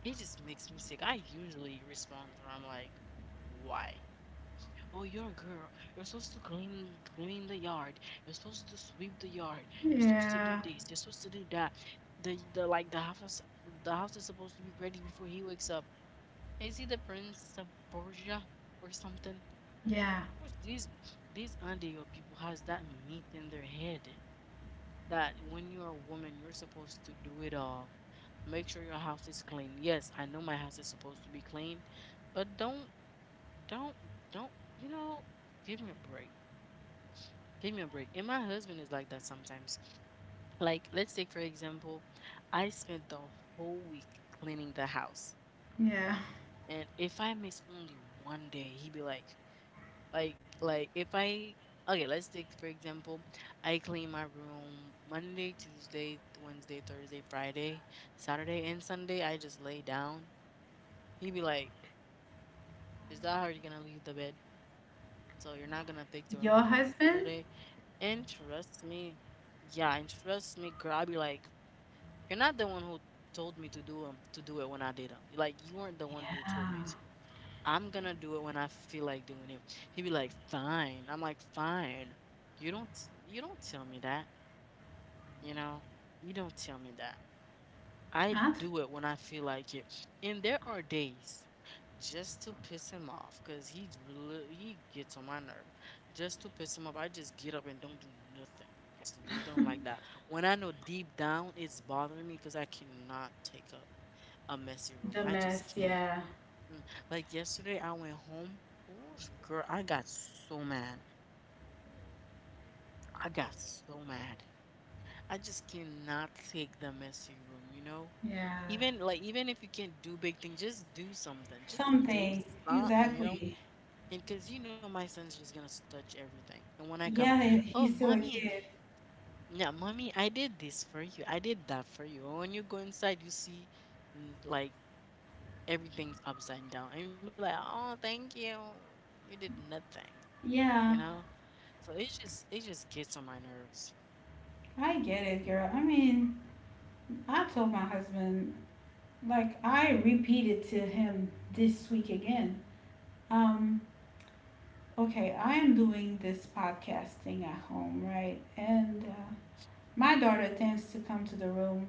It just makes me sick. I usually respond where I'm like, why? Oh, you're a girl. You're supposed to clean the yard. You're supposed to sweep the yard. You're supposed to do
Yeah.
this. You're supposed to do that. The the like the house is- the house is supposed to be ready before he wakes up. Is he the Prince of Borgia or something?
Yeah,
What's these Andean people has that myth in their head that when you're a woman, you're supposed to do it all. Make sure your house is clean. Yes, I know my house is supposed to be clean, but don't don't you know? Give me a break. Give me a break. And my husband is like that sometimes. Like, let's take for example, I spent the whole week cleaning the house.
yeah.
And if I miss only one day, he'd be like if I okay, let's take for example, I clean my room Monday, Tuesday, Wednesday, Thursday, Friday, Saturday, and Sunday. I just lay down. He'd be like, "Is that how you're gonna leave the bed? So you're not gonna fix the room
Your
today?"
husband?
And trust me, yeah, and trust me, girl, I'd be like, "You're not the one who." told me to do it when I did them. Like you weren't the one who told
Yeah.
me to. I'm gonna do it when I feel like doing it. He'd be like, fine. I'm like, fine. You don't you don't tell me that, you know? You don't tell me that. I
At
do it when I feel like it. And there are days just to piss him off because he gets on my nerve. Just to piss him off, I just get up and don't do nothing. Just leave them like that. When I know deep down it's bothering me because I cannot take a messy room.
the
I just
mess,
can't.
yeah,
Mm, Like yesterday, I went home. Ooh, girl, I got so mad. I got so mad. I just cannot take the messy room, you know?
yeah.
Even like even if you can't do big things, just do something. Just do
Something.
something, you know?
Exactly.
And cause you know my son's just gonna touch everything. And when I come,
Yeah, he-
oh
he's still a
mommy,
kid.
yeah, mommy, I did this for you. I did that for you. And when you go inside, you see like everything's upside down. And you be like, oh, thank you. You did nothing you know
Yeah,
So it just gets on my nerves.
I get it, girl. I mean, I told my husband, like, I repeated to him this week again. Um, okay, I am doing this podcast thing at home, right? And my daughter tends to come to the room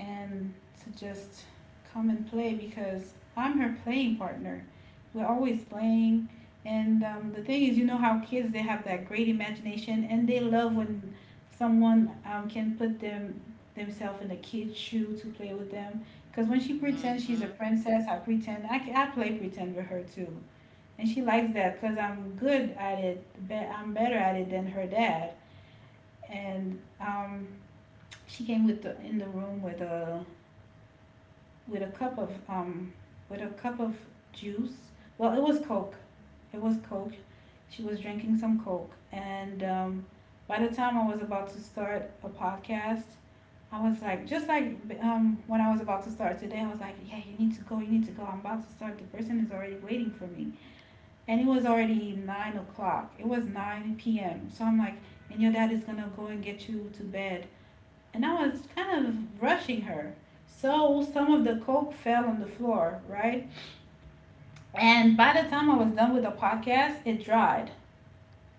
and to just come and play, because I'm her playing partner. We're always playing. And the thing is, you know how kids they have that great imagination and they love when someone can put themselves in a kid's shoe to play with them. Because when she pretends she's a
Mm-hmm.
princess, I pretend I play pretend with her too, and she likes that because I'm good at it. I'm better at it than her dad. And she came with in the room with a with a cup of um with a cup of juice. Well, it was Coke. It was Coke. She was drinking some Coke, and by the time I was about to start a podcast, I was like, just like when I was about to start today, I was like, yeah, you need to go, you need to go. I'm about to start. The person is already waiting for me, and it was already 9 o'clock. It was 9 p.m. So I'm like, and your dad is gonna go and get you to bed, and I was kind of rushing her. So some of the coke fell on the floor, right? And by the time I was done with the podcast, it dried.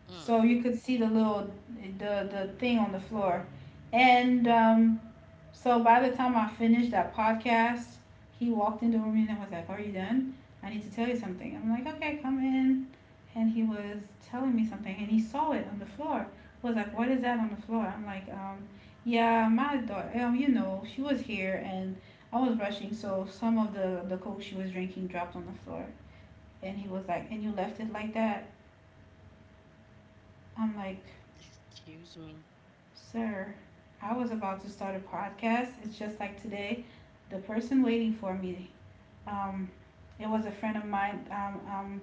Mm.
So you could see the little the thing on the floor. And so by the time I finished that podcast, he walked into the room and was like, "Are you done? I need to tell you something." I'm like, "Okay, come in." And he was telling me something, and he saw it on the floor. He was like, "What is that on the floor?" I'm like, "Yeah, my daughter, you know, she was here, and I was rushing. So some of the Coke she was drinking dropped on the floor." And he was like, "And you left it like that?" I'm like,
Excuse me,
"Sir, I was about to start a podcast. It's just like today. The person waiting for me. Um, it was a friend of mine.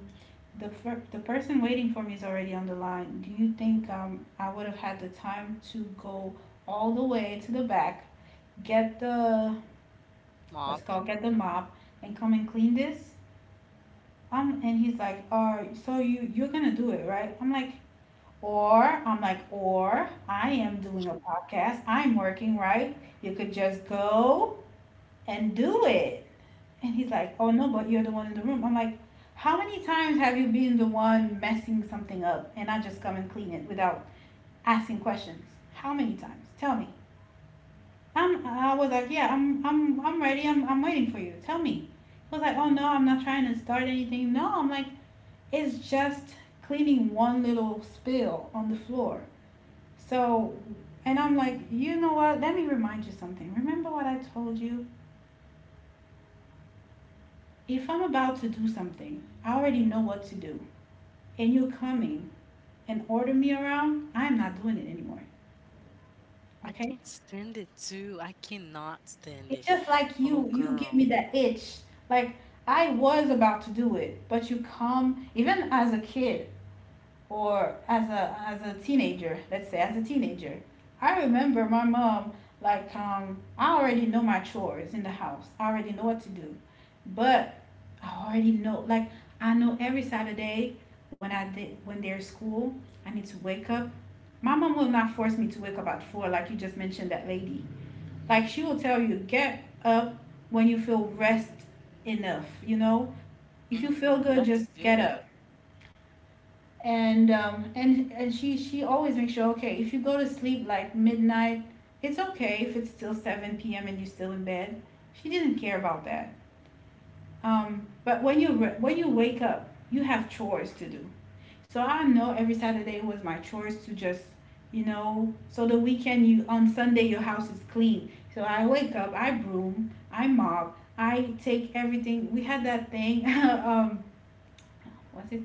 The person waiting for me is already on the line. Do you think I would have had the time to go all the way to the back, get the what's
mop.
it called, get the mop, and come and clean this?" And he's like, "Oh, so you you're gonna do it, right?" I'm like, "Or I am doing a podcast. I'm working, right? You could just go and do it." And he's like, "Oh no, but you're the one in the room." I'm like, how many times have you been the one messing something up and I just come and clean it without asking questions? How many times? Tell me. I was like, yeah, I'm ready. I'm waiting for you. Tell me. He was like, "Oh no, I'm not trying to start anything." No, I'm like, it's just cleaning one little spill on the floor. So, and I'm like, you know what? Let me remind you something. Remember what I told you? If I'm about to do something, I already know what to do. And you coming and order me around, I'm not doing it anymore.
I
Okay?
can't stand it too. I cannot stand
It's
it.
just like
Oh
you give me
girl.
that itch. Like, I was about to do it, but you come, even as a kid or as a teenager, let's say as a teenager. I remember my mom like I already know my chores in the house. I already know what to do. But I already know, like, I know every Saturday when there's school, I need to wake up. My mom will not force me to wake up at four, like you just mentioned that lady. Like, she will tell you, get up when you feel rest enough. You know, if you feel
Mm-hmm.
good, just
That's
get up.
good.
And she always makes sure. Okay, if you go to sleep like midnight, it's okay if it's still seven p.m. and you're still in bed. She didn't care about that. But when you when you wake up, you have chores to do. So I know every Saturday was my chores to just, you know, so the weekend you, on Sunday your house is clean. So I wake up, I broom, I mop, I take everything. We had that thing. Was it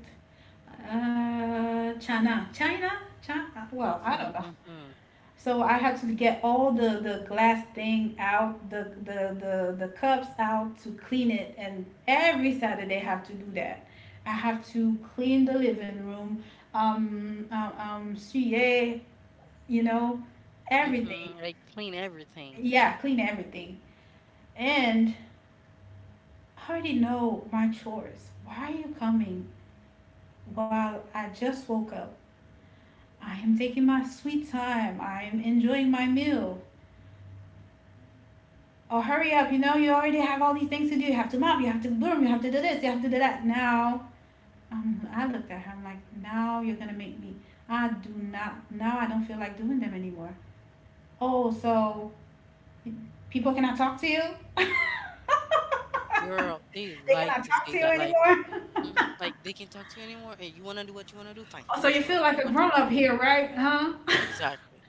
China? China? China? Well, I
Mm-hmm.
don't know.
Mm-hmm.
So I had to get all the glass thing out, the cups out to clean it. And every Saturday I have to do that. I have to clean the living room, suye, you know, everything.
Mm-hmm. Like clean everything.
Yeah, clean everything. And I already know my chores. Why are you coming while I just woke up? I am taking my sweet time. I am enjoying my meal. Oh, hurry up, you know, you already have all these things to do. You have to mop, you have to broom, you have to do this, you have to do that. Now, I looked at her, I'm like, now you're going to make me. I do not, Now I don't feel like doing them anymore. Oh, so people cannot talk to you? They
Girl, they like
cannot
to
talk
say
to you
that. Like,
anymore?
mhm, like they can not talk to you anymore. And you wanna do what you wanna do? Fine.
Oh,
Do
so
what
you
you wanna
feel
do.
like
Do
a
what you
grown
don't
up
do.
here, right? Huh?
Exactly.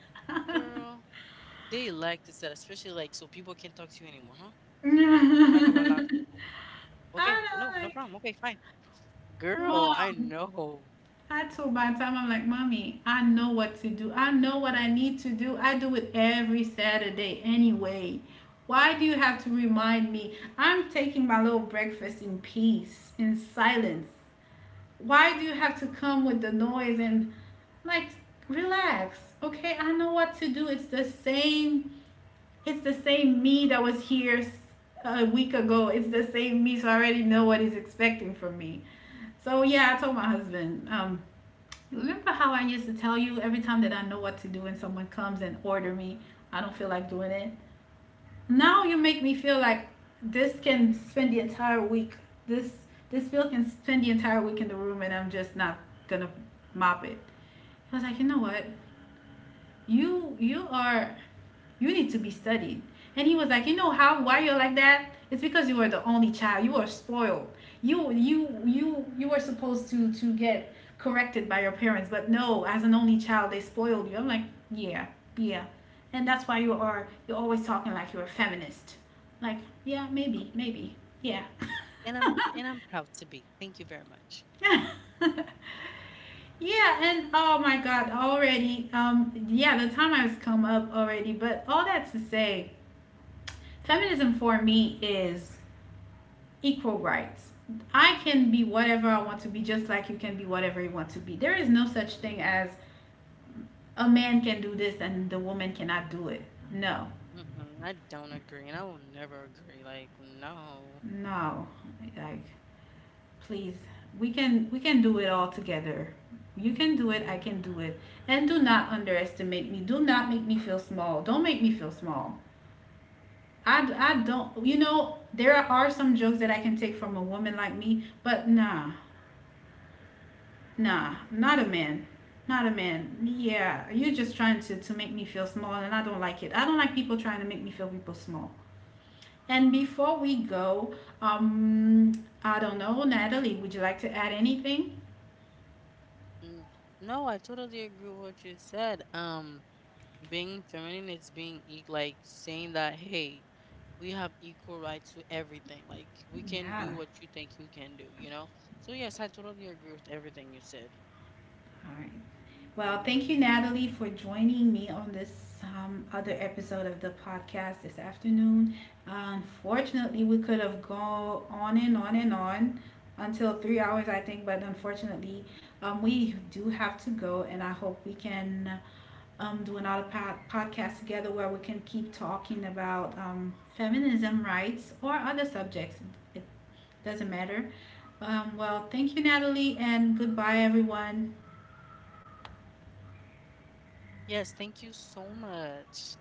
Girl, they like to say that, especially like so people can't talk to you anymore, huh? When back
I
about okay, no, no
don't like,
problem. Okay, fine. Girl, I
mom,
know.
I told my the time I'm like, mommy, I know what to do. I know what I need to do. I do it every Saturday anyway. Why do you have to remind me? I'm taking my little breakfast in peace, in silence. Why do you have to come with the noise and, like, relax? Okay, I know what to do. It's the same. It's the same me that was here a week ago. It's the same me, so I already know what he's expecting from me. So yeah, I told my husband, remember how I used to tell you every time that I know what to do and someone comes and order me, I don't feel like doing it. Now you make me feel like this can spend the entire week. This this bill can spend the entire week in the room and I'm just not gonna mop it. I was like, you know what? You are, you need to be studied. And he was like, "You know how, why you're like that? It's because you were the only child, you were spoiled. You were supposed to get corrected by your parents, but no, as an only child they spoiled you." I'm like, yeah, yeah. "And that's why you are, you're always talking like you're a feminist." Like, yeah, maybe. Yeah.
And I'm proud to be. Thank you very much.
Yeah. Yeah." And oh my god, already, yeah, the time has come up already, but all that to say, feminism for me is equal rights. I can be whatever I want to be, just like you can be whatever you want to be. There is no such thing as a man can do this and the woman cannot do it. No,
Mm-mm, I don't agree, and I will never agree. Like, no.
no, like, please, we can do it all together. You can do it. I can do it. And do not underestimate me. Do not make me feel small. Don't make me feel small. I don't, you know, there are some jokes that I can take from a woman like me, but nah. Nah, not a man. Not a man. Yeah, you're just trying to make me feel small, and I don't like it. I don't like people trying to make me feel people small. And before we go, um, I don't know, Natalie, would you like to add anything?
Mm, no, I totally agree with what you said. Being feminine is being e like saying that, hey, we have equal rights to everything. Like, we can do
Yeah.
what you think you can do, you know? So yes, I totally agree with everything you said.
All right. Well, thank you, Natalie, for joining me on this other episode of the podcast this afternoon. Unfortunately, we could have gone on and on and on until 3 hours, I think, but unfortunately, we do have to go, and I hope we can do another podcast together where we can keep talking about feminism rights or other subjects. It doesn't matter. Well, thank you, Natalie, and goodbye, everyone.
Yes, thank you so much.